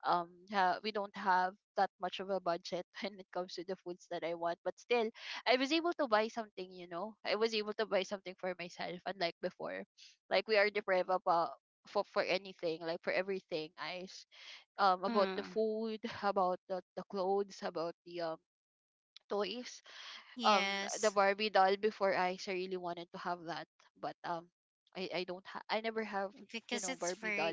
Speaker 2: um ha- we don't have that much of a budget (laughs) when it comes to the foods that I want, but still I was able to buy something. You know, I was able to buy something for myself, unlike before. Like we are deprived about for for anything, like for everything, I um about the
Speaker 1: Mm-hmm.
Speaker 2: food, (laughs) about the, the clothes, about the um toys, um the
Speaker 1: Yes,
Speaker 2: Barbie doll before I s- really wanted to have that, but um I I don't ha- I never have, you
Speaker 1: because
Speaker 2: know,
Speaker 1: it's
Speaker 2: Barbie
Speaker 1: very
Speaker 2: doll.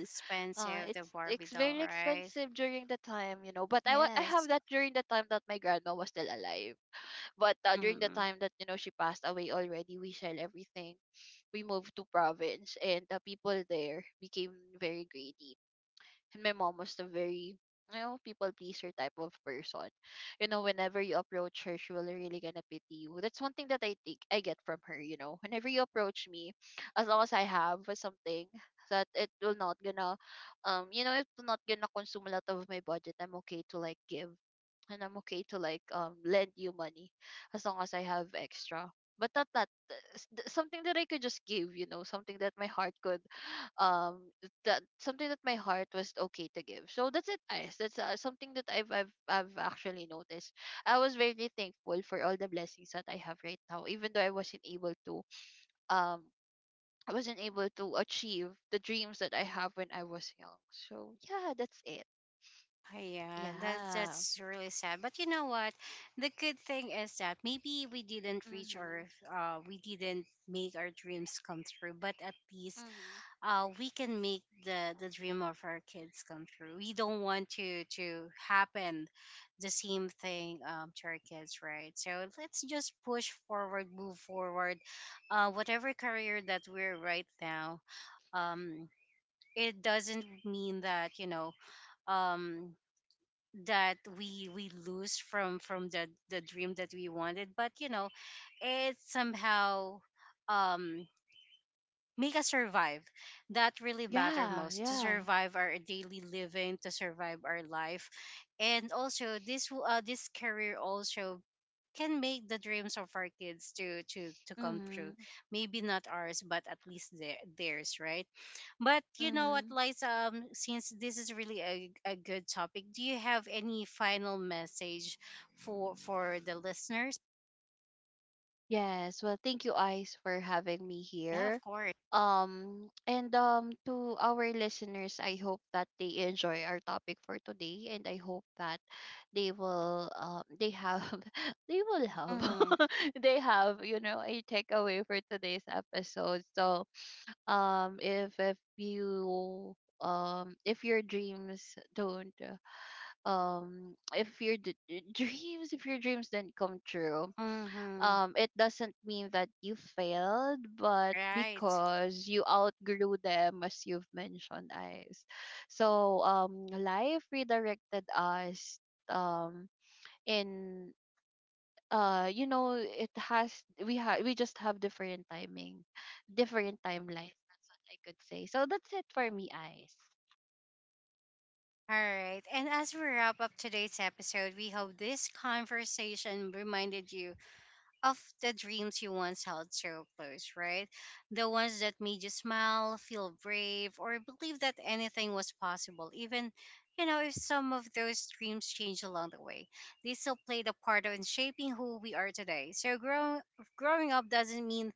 Speaker 2: Uh,
Speaker 1: the
Speaker 2: it's
Speaker 1: Barbie
Speaker 2: it's
Speaker 1: doll,
Speaker 2: very
Speaker 1: right?
Speaker 2: expensive during the time, you know, but I wa- I
Speaker 1: Yes.
Speaker 2: have that during the time that my grandma was still alive. But uh, during the
Speaker 1: Mm.
Speaker 2: time that, you know, she passed away already, we sell everything. We moved to province, and the people there became very greedy. And my mom was the very, you know, people pleaser type of person. You know, whenever you approach her, she will really gonna pity you. That's one thing that I think I get from her, you know. Whenever you approach me, as long as I have something that it will not gonna um you know, it will not gonna consume a lot of my budget, I'm okay to like give. And I'm okay to like um lend you money as long as I have extra. But not that uh, s- th- something that I could just give, you know, something that my heart could um that something that my heart was okay to give. So that's it, guys. That's uh, something that I've I've I've actually noticed. I was very thankful for all the blessings that I have right now, even though I wasn't able to um I wasn't able to achieve the dreams that I have when I was young. So yeah, that's it.
Speaker 1: Uh, Yeah, that's
Speaker 2: Yeah.
Speaker 1: that's really sad. But you know what? The good thing is that maybe we didn't reach our
Speaker 2: Mhm.
Speaker 1: uh we didn't make our dreams come true, but at least,
Speaker 2: Mhm.
Speaker 1: uh, we can make the the dream of our kids come true. We don't want to to happen the same thing, um, to our kids, right? So let's just push forward, move forward. Uh, whatever career that we're right now, um, it doesn't mean that, you know, um, that we we lose from from the the dream that we wanted, but you know, it somehow, Um, make us survive, that really matter
Speaker 2: Yeah.
Speaker 1: most, to
Speaker 2: Yeah.
Speaker 1: survive our daily living, to survive our life. And also this w- uh, this career also can make the dreams of our kids to to to come true,
Speaker 2: Mhm.
Speaker 1: maybe not ours, but at least their, theirs, right? But you know what,
Speaker 2: Mhm.
Speaker 1: Liza, um, since this is really a, a good topic, do you have any final message for for the listeners?
Speaker 2: Yes, well, thank you, Ice, for having me
Speaker 1: Yeah,
Speaker 2: here.
Speaker 1: of course.
Speaker 2: Um, and um, to our listeners, I hope that they enjoy our topic for today, and I hope that they will, um, they have, (laughs) they will have,
Speaker 1: Mm-hmm.
Speaker 2: (laughs) they have, you know, a takeaway for today's episode. So, um, if if you um if your dreams don't uh, um if your d- dreams if your dreams didn't come true,
Speaker 1: Mm-hmm.
Speaker 2: um, it doesn't mean that you failed, but
Speaker 1: Right.
Speaker 2: because you outgrew them, as you've mentioned, eyes. So um, life redirected us, um, in uh you know it has we have we just have different timing, different timelines. That's what I could say. So that's it for me, eyes.
Speaker 1: All right. And as we wrap up today's episode, we hope this conversation reminded you of the dreams you once held so close, right? The ones that made you smile, feel brave, or believe that anything was possible. Even, you know, if some of those dreams changed along the way, they still played a part in shaping who we are today. So, growing growing up doesn't mean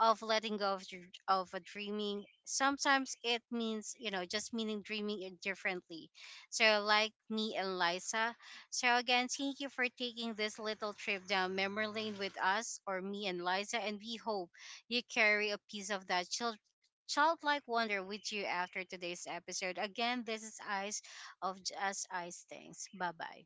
Speaker 1: of letting go of dr- of a dreaming. Sometimes it means, you know, just meaning dreaming it differently. So, like me and Liza, so, again, thank you for taking this little trip down memory lane with us, or me and Liza, and we hope you carry a piece of that child. Childlike wonder with you after today's episode. Again, this is Eyes of Just Eyes Things. Bye bye.